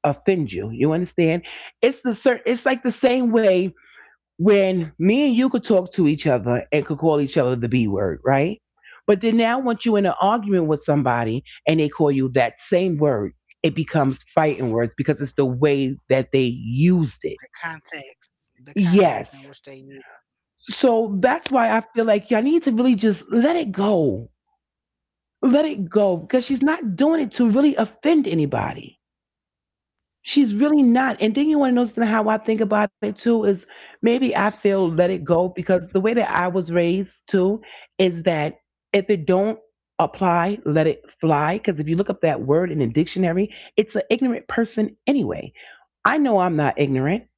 Speaker 1: offend you. You understand? It's the it's like the same way when me and you could talk to each other and could call each other the B word, right? But then now once you're in an argument with somebody and they call you that same word, it becomes fighting words because it's the way that they used it.
Speaker 2: The context in which they
Speaker 1: Yes.
Speaker 2: use.
Speaker 1: So that's why I feel like y'all need to really just let it go. Let it go because she's not doing it to really offend anybody. She's really not. And then you want to know something how I think about it too is maybe I feel let it go because the way that I was raised too is that if it don't apply, let it fly. Because if you look up that word in a dictionary, it's an ignorant person anyway. I know I'm not ignorant.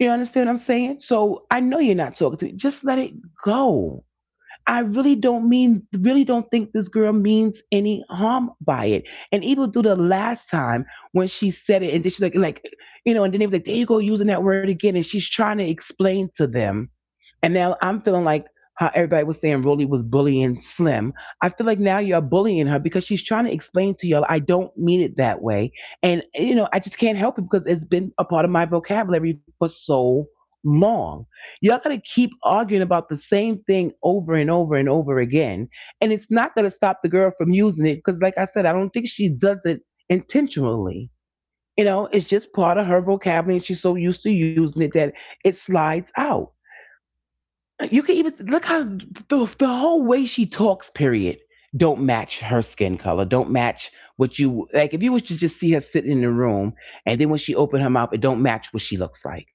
Speaker 1: You understand what I'm saying? So I know you're not talking to me. Just let it go. I really don't mean, really don't think this girl means any harm by it. And even through the last time when she said it, and then she's like, you know, and then they was like, there you go using that word again, and she's trying to explain to them. And now I'm feeling like how everybody was saying Rolly was bullying Slim. I feel like now you're bullying her because she's trying to explain to y'all, I don't mean it that way. And, you know, I just can't help it because it's been a part of my vocabulary for so long. Y'all gotta keep arguing about the same thing over and over and over again. And it's not gonna stop the girl from using it because, like I said, I don't think she does it intentionally. You know, it's just part of her vocabulary, and she's so used to using it that it slides out. You can even look how the whole way she talks. Period. Don't match her skin color. Don't match what you like. If you was to just see her sitting in the room, and then when she opened her mouth, it don't match what she looks like.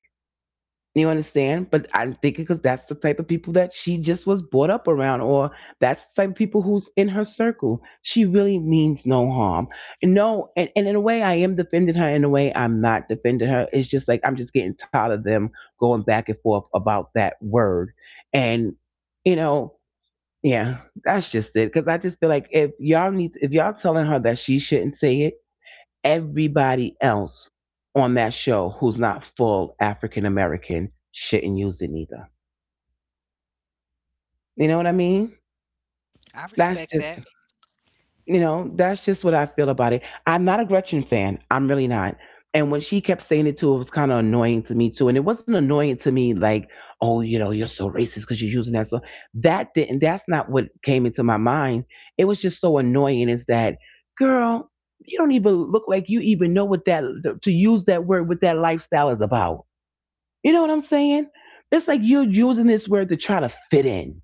Speaker 1: You understand? But I'm thinking because that's the type of people that she just was brought up around, or that's the type of people who's in her circle. She really means no harm. And no, and in a way, I am defending her. In a way, I'm not defending her. It's just like I'm just getting tired of them going back and forth about that word. And, you know, yeah, that's just it. Because I just feel like if y'all need, if y'all telling her that she shouldn't say it, everybody else on that show who's not full African American shouldn't use it neither. You know what I mean?
Speaker 2: I respect that.
Speaker 1: That's just, you know, that's just what I feel about it. I'm not a Gretchen fan. I'm really not. And when she kept saying it too, it was kind of annoying to me too. And it wasn't annoying to me like, oh, you know, you're so racist because you're using that. So that didn't. That's not what came into my mind. It was just so annoying. Is that girl? You don't even look like you even know what that to use that word what that lifestyle is about. You know what I'm saying? It's like you're using this word to try to fit in.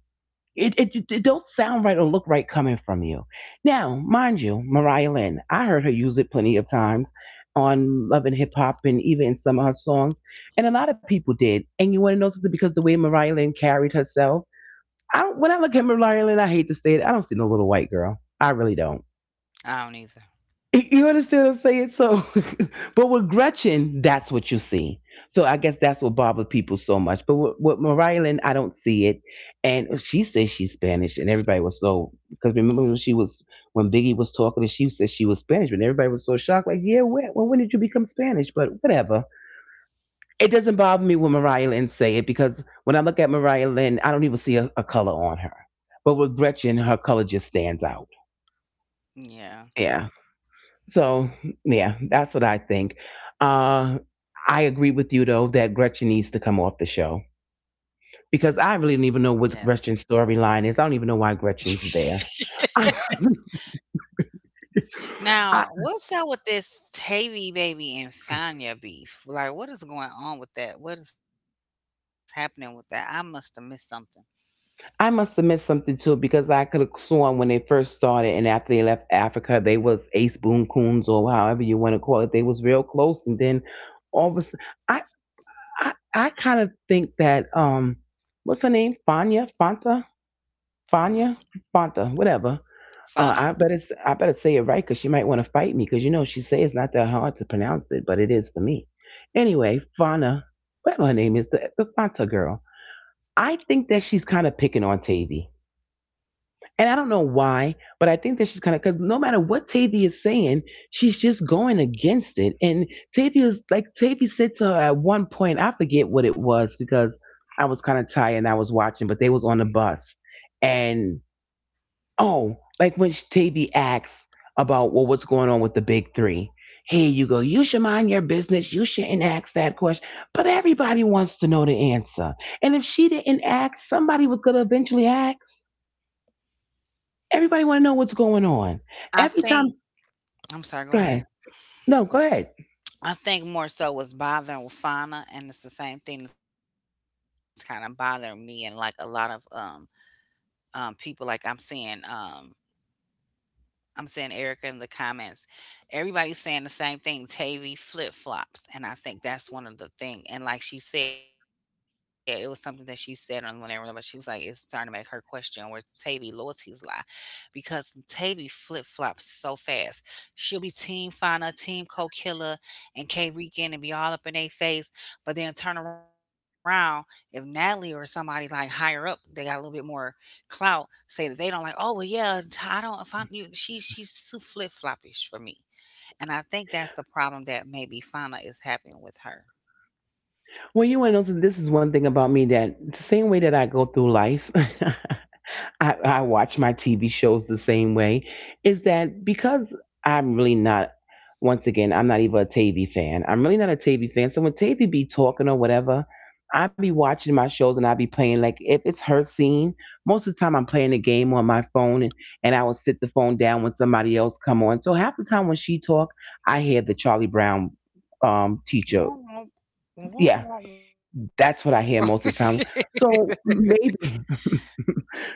Speaker 1: It don't sound right or look right coming from you. Now, mind you, Mariah Lynn, I heard her use it plenty of times on Love and Hip Hop and even in some of her songs. And a lot of people did. And you want to know something? Because the way Mariah Lynn carried herself, I don't, when I look at Mariah Lynn, I hate to say it, I don't see no little white girl. I really don't.
Speaker 2: I don't either.
Speaker 1: You understand what I'm saying? So, (laughs) but with Gretchen, that's what you see. So I guess that's what bothered people so much. But with Mariah Lynn, I don't see it. And she says she's Spanish, and everybody was so because remember when she was when Biggie was talking, and she said she was Spanish, and everybody was so shocked, like, yeah, when, well, when did you become Spanish? But whatever, it doesn't bother me when Mariah Lynn say it because when I look at Mariah Lynn, I don't even see a color on her. But with Gretchen, her color just stands out.
Speaker 2: Yeah.
Speaker 1: Yeah. So yeah, that's what I think. Uh, I agree with you though that Gretchen needs to come off the show because
Speaker 2: Yes.
Speaker 1: I really don't even know what Gretchen's storyline is. I don't even know why
Speaker 2: (laughs)
Speaker 1: Gretchen's there. (laughs) I,
Speaker 2: Now,
Speaker 1: I,
Speaker 2: what's up with this Tavy baby and Fania beef? Like, what is going on with that? What is happening with that? I must have missed something.
Speaker 1: I must have missed something too because I could have sworn when they first started and after they left Africa, they was ace boon coons or however you want to call it. They was real close, and then all of a sudden, I I kind of think that what's her name? Fania, Fanta,
Speaker 2: Mm-hmm.
Speaker 1: Fania, Fanta, whatever
Speaker 2: Fana.
Speaker 1: I better I better say it right because she might want to fight me because you know she say it's not that hard to pronounce it, but it is for me. Anyway, Fauna, whatever her name is, the Fanta girl. I think that she's kind of picking on Tavy, and I don't know why, but I think that she's kind of, because no matter what Tavy is saying, she's just going against it. And Tavy is like, Tavy said to her at one point, I forget what it was because I was kind of tired and I was watching, but they was on the bus. And. Oh, like when Tavi asks about, well, what's going on with the big 3? Here you go. You should mind your business. You shouldn't ask that question. But everybody wants to know the answer. And if she didn't ask, somebody was gonna eventually ask. Everybody want to know what's going on.
Speaker 2: I
Speaker 1: Every
Speaker 2: think,
Speaker 1: time,
Speaker 2: I'm sorry, go
Speaker 1: go ahead.
Speaker 2: ahead.
Speaker 1: No, go ahead.
Speaker 2: I think more so was bothering with Fana, and it's the same thing that's kind of bothering me and like a lot of people like I'm seeing I'm saying Erica in the comments. Everybody's saying the same thing, Tavy flip flops. And I think that's one of the thing. And like she said, it was something that she said on whenever, but she was like, it's starting to make her question where Tavy loyalties lie. Because Tavy flip flops so fast. She'll be Team Fauna, Team Co Killer, and K Regan and be all up in their face. But then turn around, if Natalie or somebody like higher up, they got a little bit more clout say that they don't like, oh well, yeah, I don't. If I, you, she's too flip floppish for me, and I think that's the problem that maybe Fauna is having with her.
Speaker 1: Well, you want to know, so this is one thing about me, that it's the same way that I go through life. (laughs) I watch my TV shows the same way, is that because I'm really not, once again, I'm not even a Tavy fan. I'm really not a Tavy fan. So when Tavy be talking or whatever, I be watching my shows and I be playing. Like if it's her scene, most of the time I'm playing a game on my phone, and I would sit the phone down when somebody else come on. So half the time when she talk, I hear the Charlie Brown teacher.
Speaker 2: Mm
Speaker 1: Yeah, that's what I hear most of the time. So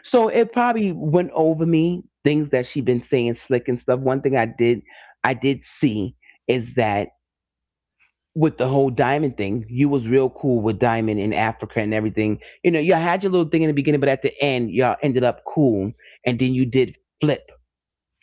Speaker 1: so it probably went over me, things that she'd been saying slick and stuff. One thing I did, I did see, is that with the whole diamond thing, you was real cool with diamond in Africa and everything. You know, you had your little thing in the beginning, but at the end, y'all ended up cool, and then you did flip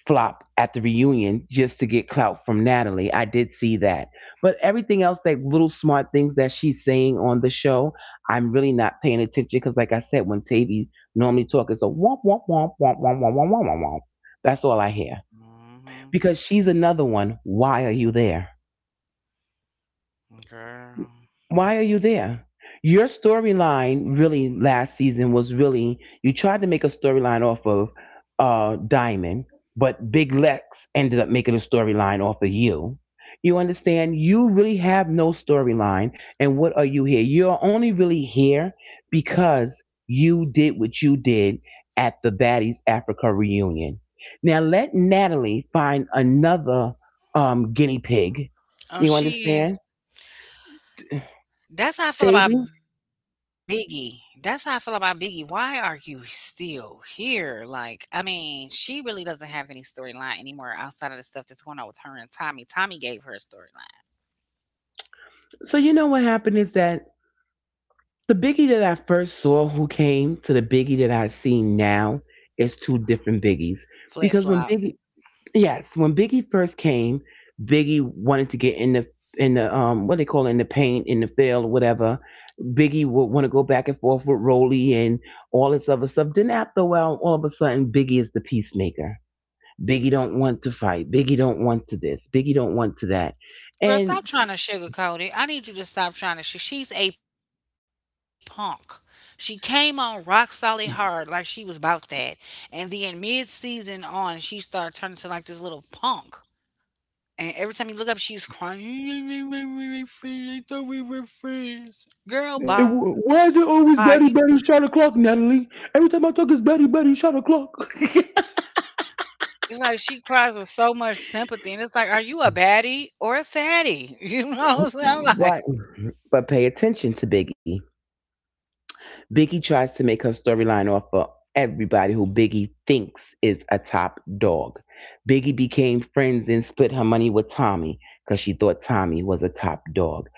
Speaker 1: flop at the reunion just to get clout from Natalie. I did see that. But everything else, like little smart things that she's saying on the show, I'm really not paying attention because, like I said, when Tavy normally talks, it's a womp, womp, womp, womp, womp, womp, womp, womp, womp, womp. That's all I hear.
Speaker 2: hmm
Speaker 1: Because she's another one. Why are you there?
Speaker 2: (laughs) Girl,
Speaker 1: Why are you there? Your storyline really last season was really, you tried to make a storyline off of Diamond, but Big Lex ended up making a storyline off of you. You understand? You really have no storyline, and what are you here? You're only really here because you did what you did at the Baddies Africa reunion. Now let Natalie find another guinea pig.
Speaker 2: oh
Speaker 1: You
Speaker 2: she
Speaker 1: understand?
Speaker 2: is. That's how I feel
Speaker 1: Tavy?
Speaker 2: about Biggie. That's how I feel about Biggie. Why are you still here? Like, I mean, she really doesn't have any storyline anymore outside of the stuff that's going on with her and Tommy. Tommy gave her a storyline.
Speaker 1: So you know what happened is that the Biggie that I first saw, who came to the Biggie that I see now, is two different Biggies.
Speaker 2: Flip
Speaker 1: Because when
Speaker 2: flop.
Speaker 1: Biggie, yes, when Biggie first came, Biggie wanted to get in the what they call it, in the paint, in the field, whatever. Biggie would want to go back and forth with Rolly and all this other stuff. Then after a while, all of a sudden Biggie is the peacemaker. Biggie don't want to fight. Biggie don't want to this. Biggie don't want to that.
Speaker 2: Girl, stop
Speaker 1: And
Speaker 2: trying to sugarcoat it. I need you to stop trying to. She's a punk. She came on rock solid hard, like she was about that, and then mid season on, she started turning to like this little punk. And every time you look up, she's crying. (laughs) I thought we were friends. Girl,
Speaker 1: it,
Speaker 2: bye. You.
Speaker 1: why is it always Betty Betty shot o'clock, Natalie? Every time I talk, it's Betty Betty shot o'clock. (laughs)
Speaker 2: It's like she cries with so much sympathy, and it's like, are you a baddie or a fatty? (laughs) You know what I'm saying? I'm like,
Speaker 1: Right. But pay attention to Biggie. Biggie tries to make her storyline off of everybody who Biggie thinks is a top dog. Biggie became friends and split her money with Tommy because she thought Tommy was a top dog.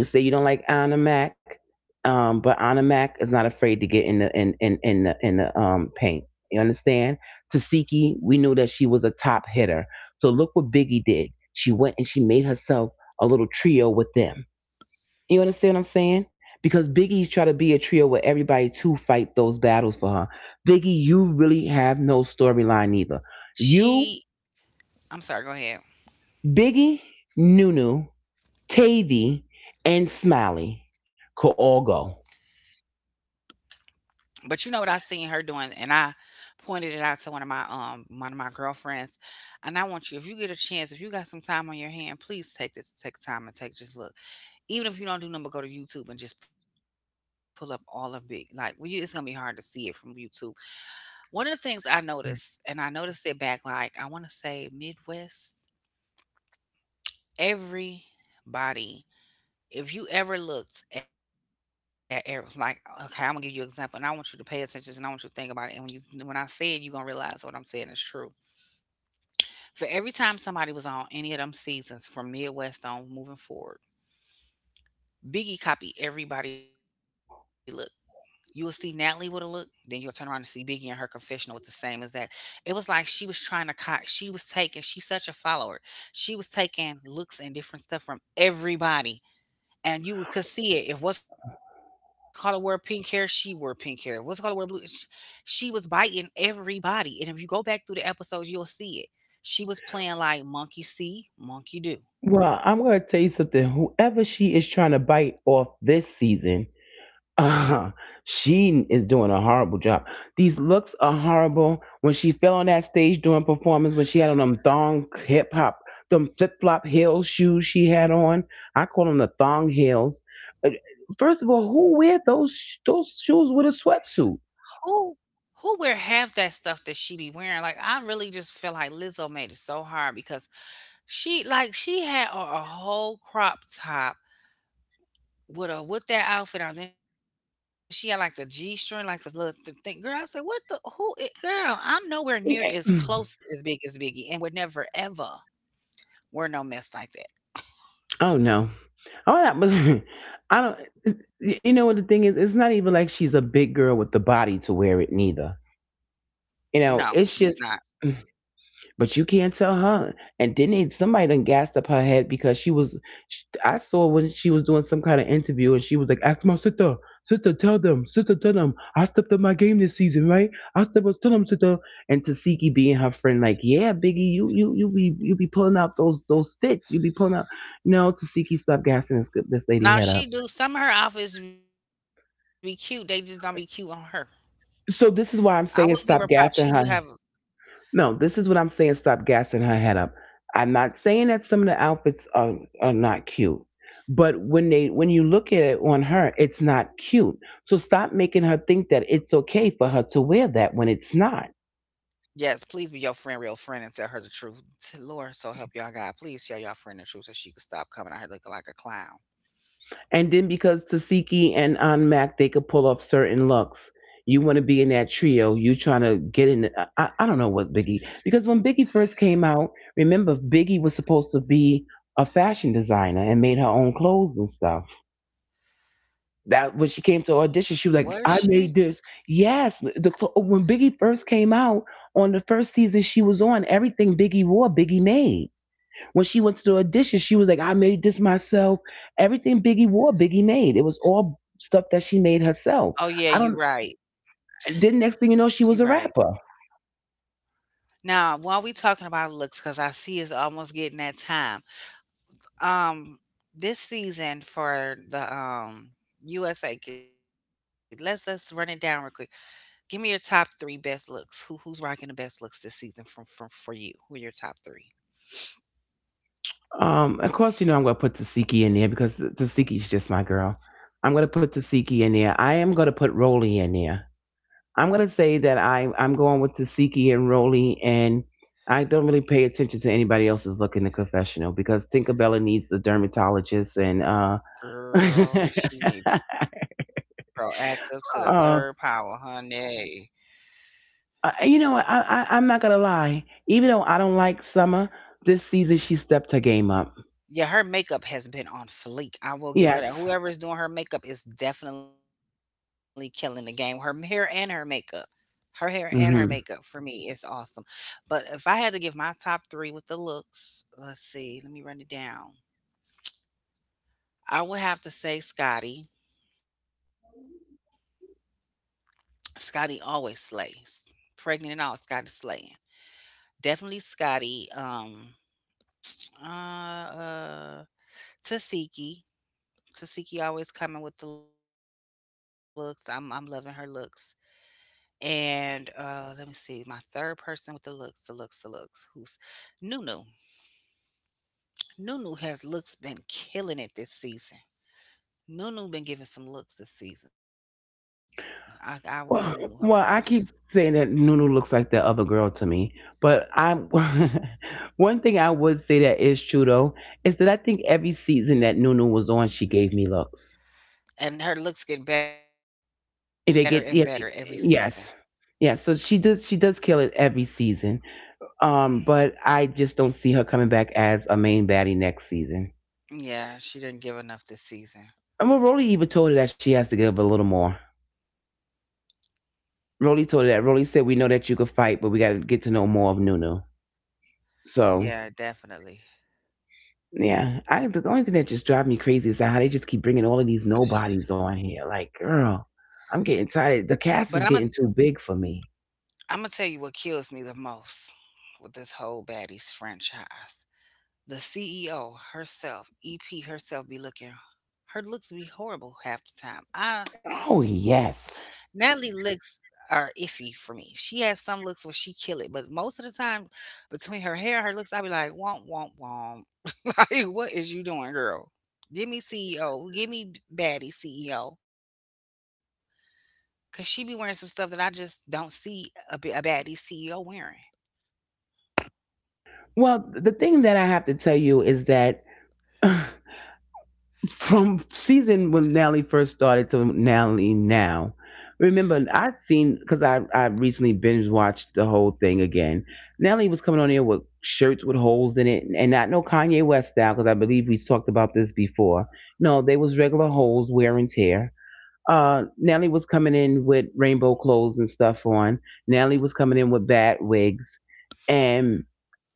Speaker 1: You say you don't like Anna Mac, but Anna Mac is not afraid to get in the paint. You understand? Tasiki, we knew that she was a top hitter. So look what Biggie did. She went and she made herself a little trio with them. You understand what I'm saying? Because Biggie tried to be a trio with everybody to fight those battles for her. Biggie, you really have no storyline either.
Speaker 2: she.
Speaker 1: You,
Speaker 2: I'm sorry. Go ahead.
Speaker 1: Biggie, Nunu, Tavy, and Smiley could all go.
Speaker 2: But you know what I seen her doing, and I pointed it out to one of my girlfriends. And I want you, if you get a chance, if you got some time on your hand, please take this take time and take just look. Even if you don't do nothing but go to YouTube and just pull up all of it. Like well, you, it's gonna be hard to see it from YouTube. One of the things I noticed, and I noticed it back like I wanna say Midwest, everybody, if you ever looked at ev like, okay, I'm gonna give you an example, and I want you to pay attention, and I want you to think about it. And when you When I say it, you gonna realize what I'm saying is true. For every time somebody was on any of them seasons from Midwest on moving forward, Biggie copied everybody look. You will see Natalie with a look, then you'll turn around and see Biggie in her confessional with the same as that. It was like she was trying to cop. She was taking. She's such a follower. She was taking looks and different stuff from everybody and you could see it. If what's color wore pink hair, she wore pink hair. If what's color wore blue, she was biting everybody. And if you go back through the episodes, you'll see it. She was playing like monkey see, monkey do.
Speaker 1: Well, I'm going to tell you something. Whoever she is trying to bite off this season, uh, she is doing a horrible job. These looks are horrible. When she fell on that stage during performance, when she had on them thong hip hop, them flip flop heel shoes she had on, I call them the thong heels. Uh, First of all, who wear those shoes with a
Speaker 2: Who
Speaker 1: sweatsuit?
Speaker 2: who wear half that stuff that she be wearing? Like I really just feel like Lizzo made it so hard because she like she had on a whole crop top with a with that outfit on, then she had, like, the G-string, like, the little th thing. Girl, I said, "What the who i." Girl, I'm nowhere near as
Speaker 1: (laughs)
Speaker 2: close as big as Biggie, and would never ever wear no mess like that.
Speaker 1: Oh no. Oh, that was. (laughs) I don't. You know what the thing is? It's not even like she's a big girl with the body to wear it, neither. You
Speaker 2: No,
Speaker 1: know,
Speaker 2: she's
Speaker 1: it's
Speaker 2: not.
Speaker 1: just, but you can't tell her. And then they, somebody done gassed up her head because she was. Sh I saw when she was doing some kind of interview and she was like, "Ask my sister, sister, tell them, I stepped up my game this season, right? I stepped up, tell them, sister." And Tasiki being her friend, like, "Yeah, Biggie, you be you be pulling out those fits, you be pulling out." No, Tasiki, stop gassing this lady
Speaker 2: Now
Speaker 1: head
Speaker 2: she
Speaker 1: up.
Speaker 2: do some of her outfits be cute, they just don't be cute on her. I
Speaker 1: So
Speaker 2: will
Speaker 1: this is
Speaker 2: give her
Speaker 1: why I'm
Speaker 2: props,
Speaker 1: saying,
Speaker 2: she do
Speaker 1: stop
Speaker 2: have
Speaker 1: gassing her. No, this is what I'm saying. Stop gassing her head up. I'm not saying that some of the outfits are not cute, but when they when you look at it on her, it's not cute. So stop making her think that it's okay for her to wear that when it's not.
Speaker 2: yes, please be your friend real friend and tell her the truth. T Lord, so help y'all God, please tell y'all friend the truth so she can stop coming out here looking like a clown.
Speaker 1: And then because Tasiki and Aunt Mac, they could pull off certain looks. You want to be in that trio. You trying to get in. I don't know what Biggie, because when Biggie first came out, remember Biggie was supposed to be a fashion designer and made her own clothes and stuff, that when
Speaker 2: Was
Speaker 1: she came
Speaker 2: she?
Speaker 1: to audition, she was like, "I made this." Yes, when Biggie first came out on the first season she was on, everything Biggie wore, Biggie made. When she went to the audition, she was like, "I made this myself." Everything Biggie wore, Biggie made. It was all
Speaker 2: Oh, yeah,
Speaker 1: stuff that
Speaker 2: you
Speaker 1: she made
Speaker 2: right.
Speaker 1: herself. I don't.
Speaker 2: You
Speaker 1: Then
Speaker 2: right.
Speaker 1: next thing you know, she was a rapper.
Speaker 2: Now, while we talking about looks, because I see it's almost getting that time. Um, this season for the USA, let's run it down real quick. Give me your top three best looks. Who's rocking the best looks this season from for you? Who are your top three?
Speaker 1: Of course, you know I'm gonna put Tasiki in there because Tasiki's just my girl. I'm gonna put Tasiki in there. I am gonna put Rolly in there. I'm gonna say that I'm going with Tasiki and Rolly, and I don't really pay attention to anybody else's look in the confessional because Tinkerbella needs a dermatologist, and
Speaker 2: Girl,
Speaker 1: (laughs)
Speaker 2: she need proactive to the third power,
Speaker 1: uh
Speaker 2: honey.
Speaker 1: you know what? I'm not gonna lie. Even though I don't like Summer, this season she stepped her game up.
Speaker 2: Yeah, her makeup has been on fleek. I will give her that.
Speaker 1: Yes.
Speaker 2: Whoever is doing her makeup is definitely killing the game. Her hair and her makeup. Her hair and her makeup for me is awesome. But if I had to give my top three with the looks, let's see, let me run it down. I would have to say Scotty. Scotty always slays. Pregnant and all, Scotty slaying. Definitely Scotty. Uh uh Tasiki. Tasiki always coming with the looks. I'm loving her looks. And let me see, my third person with the looks, Who's Nunu? Nunu has looks been killing it this season. Nunu been giving some looks this season. I will give Nunu her props.
Speaker 1: (laughs) Well, I keep saying that Nunu looks like that other girl to me, but I (laughs) one thing I would say that is true though is that I think every season that Nunu was on, she gave me looks.
Speaker 2: And her looks get better and better every
Speaker 1: Eh,
Speaker 2: season.
Speaker 1: They get yeah, they- yes, Yeah. So she does kill it every season. But I just don't see her coming back as a main baddie next season.
Speaker 2: Yeah, she didn't give enough this season.
Speaker 1: And well, Rolly even told her that she has to give a little more. Rolly told her that. Rolly said, "We know that you could fight, but we got to get to know more of Nunu." So.
Speaker 2: Yeah, definitely.
Speaker 1: Yeah, I the only thing that just drives me crazy is how they just keep bringing all of these nobodies on here. Like, girl, I'm getting
Speaker 2: But
Speaker 1: tired. The cast is getting too big for me.
Speaker 2: I'm gonna tell you what kills me the most with this whole baddies franchise. The CEO herself, EP herself be looking her looks be horrible half the time. I
Speaker 1: Oh
Speaker 2: Natalie
Speaker 1: yes.
Speaker 2: looks are iffy for me. She has some looks where she kill it, but most of the time between her hair, her looks, I be like, womp womp womp. (laughs) Like, what is you doing, girl? Give me CEO. Give me baddie CEO. Cause she be wearing some stuff that I just don't see a baddie CEO wearing.
Speaker 1: Well, the thing that I have to tell you is that (sighs) from season when Nelly first started to Nelly now. Remember, I'd seen because I recently binge watched the whole thing again. Nelly was coming on here with shirts with holes in it, and not no Kanye West style because I believe we talked about this before. No, they was regular holes, wear and tear. Nelly was coming in with rainbow clothes and stuff on. Nelly was coming in with bad wigs, and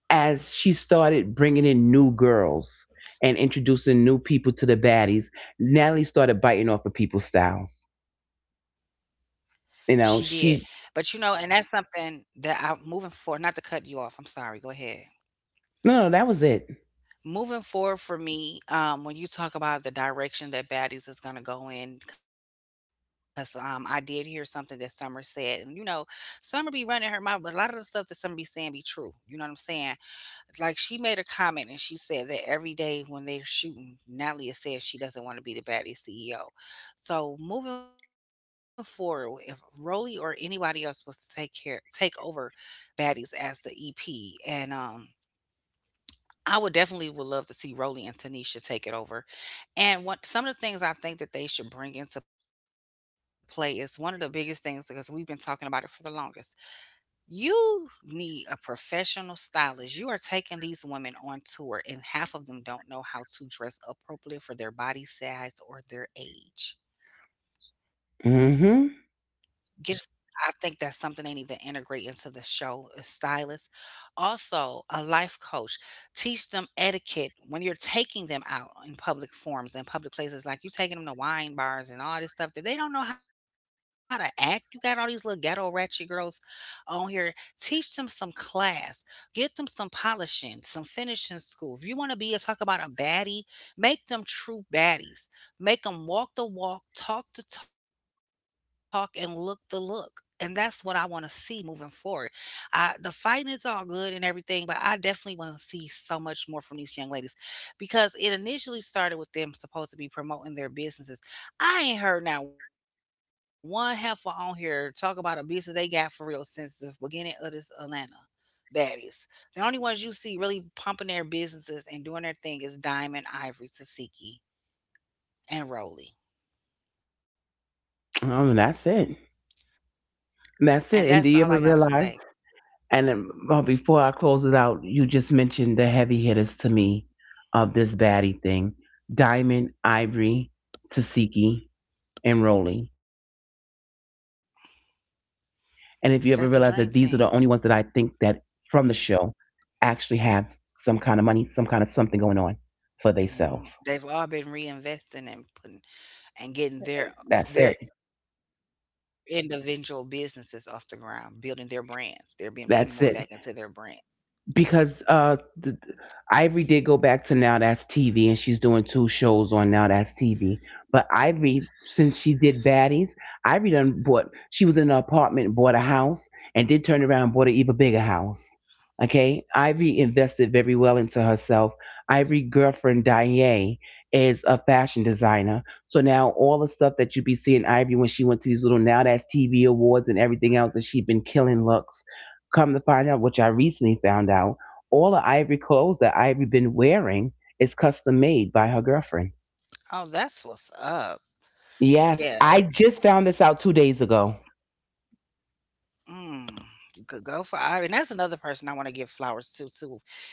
Speaker 1: as she started bringing in new girls and introducing new people to the baddies, Natalie started biting off of people's styles.
Speaker 2: She did.
Speaker 1: You
Speaker 2: But you
Speaker 1: know,
Speaker 2: know, and
Speaker 1: she,
Speaker 2: that's something that I'm moving forward, not to cut you off, I'm sorry, go ahead.
Speaker 1: no, that was it.
Speaker 2: Moving forward for me, when you talk about the direction that Baddies is gonna go in, because I did hear something that Summer said, and you know, Summer be running her mouth, but a lot of the stuff that Summer be saying be true. You know what I'm saying? Like she made a comment and she said that every day when they're shooting, Natalia says she doesn't want to be the baddie CEO. So moving forward, if Roly or anybody else was to take over baddies as the EP and I would definitely would love to see Roly and Tanisha take it over. And what some of the things I think that they should bring into play is one of the biggest things because we've been talking about it for the longest, you need a professional stylist. You are taking these women on tour, and half of them don't know how to dress appropriately for their body size or their age. Get,
Speaker 1: Mm-hmm.
Speaker 2: I think that's something they need to integrate into the show. A stylist, also, a life coach, teach them etiquette when you're taking them out in public forums and public places. Like you taking them to wine bars and all this stuff that they don't know how to act. You got all these little ghetto ratchet girls on here. Teach them some class. Get them some polishing, some finishing school. If you want to be a talk about a baddie, make them true baddies. Make them walk the walk, talk the talk, and look the look. And that's what I want to see moving forward. I the fighting is all good and everything, but I definitely want to see so much more from these young ladies because it initially started with them supposed to be promoting their businesses. I ain't heard not one heifer on here talk about a business they got for real since the beginning of this Atlanta baddies. The only ones you see really pumping their businesses and doing their thing is Diamond, Ivory, Tasiki, and Roly.
Speaker 1: That's it.
Speaker 2: And that's all I
Speaker 1: That's
Speaker 2: gotta
Speaker 1: it. And do you
Speaker 2: say.
Speaker 1: ever realize? And then, well, before I close it out, you just mentioned the heavy hitters to me of this baddie thing: Diamond, Ivory, Tasiki, and Rolly. And if you ever realize that these are the only ones that I
Speaker 2: That's the
Speaker 1: think
Speaker 2: dream
Speaker 1: that
Speaker 2: team.
Speaker 1: from the show actually have some kind of money, some kind of something going on for themselves.
Speaker 2: Mhm. They've all been reinvesting and putting and
Speaker 1: That's
Speaker 2: getting
Speaker 1: it.
Speaker 2: their individual businesses off the ground, building their brands. They're being putting more back into their
Speaker 1: That's
Speaker 2: brands.
Speaker 1: it. Because Ivory did go back to Now That's TV and she's doing 2 shows on Now That's TV. But Ivory, since she did Baddies, Ivory done bought, she was in an apartment and bought a house, and did turn around and bought an even bigger house. Okay? Ivory invested very well into herself. Ivory girlfriend Diane is a fashion designer. So now all the stuff that you be seeing Ivory when she went to these little Now That's TV awards and everything else that she been killing looks, come to find out, which I recently found out, all the Ivory clothes that Ivory been wearing is custom made by her girlfriend.
Speaker 2: Oh, that's what's up.
Speaker 1: Yes, I
Speaker 2: Yeah.
Speaker 1: just found this out 2 days ago.
Speaker 2: Mm. Good go for Ira. And that's another person I want to give flowers to too.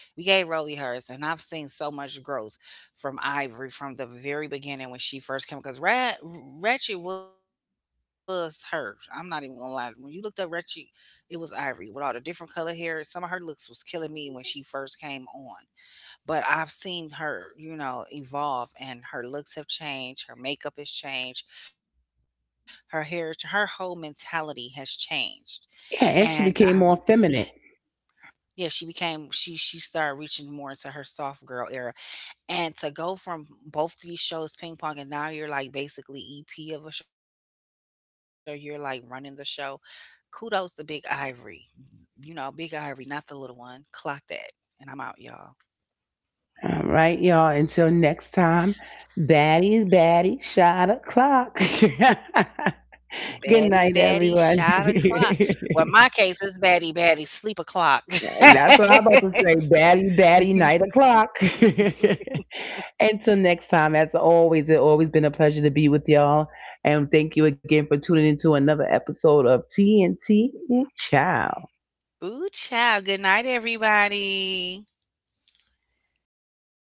Speaker 2: We gave Rolly hers and I've seen so much growth from Ivory from the very beginning when she first came because Rat Ratchet was hers. I'm not even gonna lie. When you looked up Ratchet, it was Ivory with all the different color hair. Some of her looks was killing me when she first came on, but I've seen her, you know, evolve and her looks have changed, her makeup has changed, her hair, her whole mentality has changed. And
Speaker 1: Yeah, and she
Speaker 2: um,
Speaker 1: became
Speaker 2: she,
Speaker 1: more feminine.
Speaker 2: yeah, she became she started reaching more into her soft girl era, and to go from both these shows, ping pong, and now you're like basically EP of a show. You're like running the show. Kudos to Big Ivory, you know, Big Ivory, not the little one. Clock that, and I'm out, y'all.
Speaker 1: All right, y'all. Until next time, baddies, baddie, shot o'clock.
Speaker 2: Batty, batty,
Speaker 1: (laughs) Good
Speaker 2: shot
Speaker 1: night,
Speaker 2: o'clock.
Speaker 1: everyone.
Speaker 2: Well, in my case,
Speaker 1: (laughs)
Speaker 2: it's batty, batty, sleep o'clock.
Speaker 1: That's what I'm about to say. Batty,
Speaker 2: (laughs)
Speaker 1: batty, night o'clock. (laughs) Until next time, as always, it's always been a pleasure to be with y'all. And thank you again for tuning into another episode of TNT Ooh, Ciao.
Speaker 2: Ooh, child. Good night, everybody.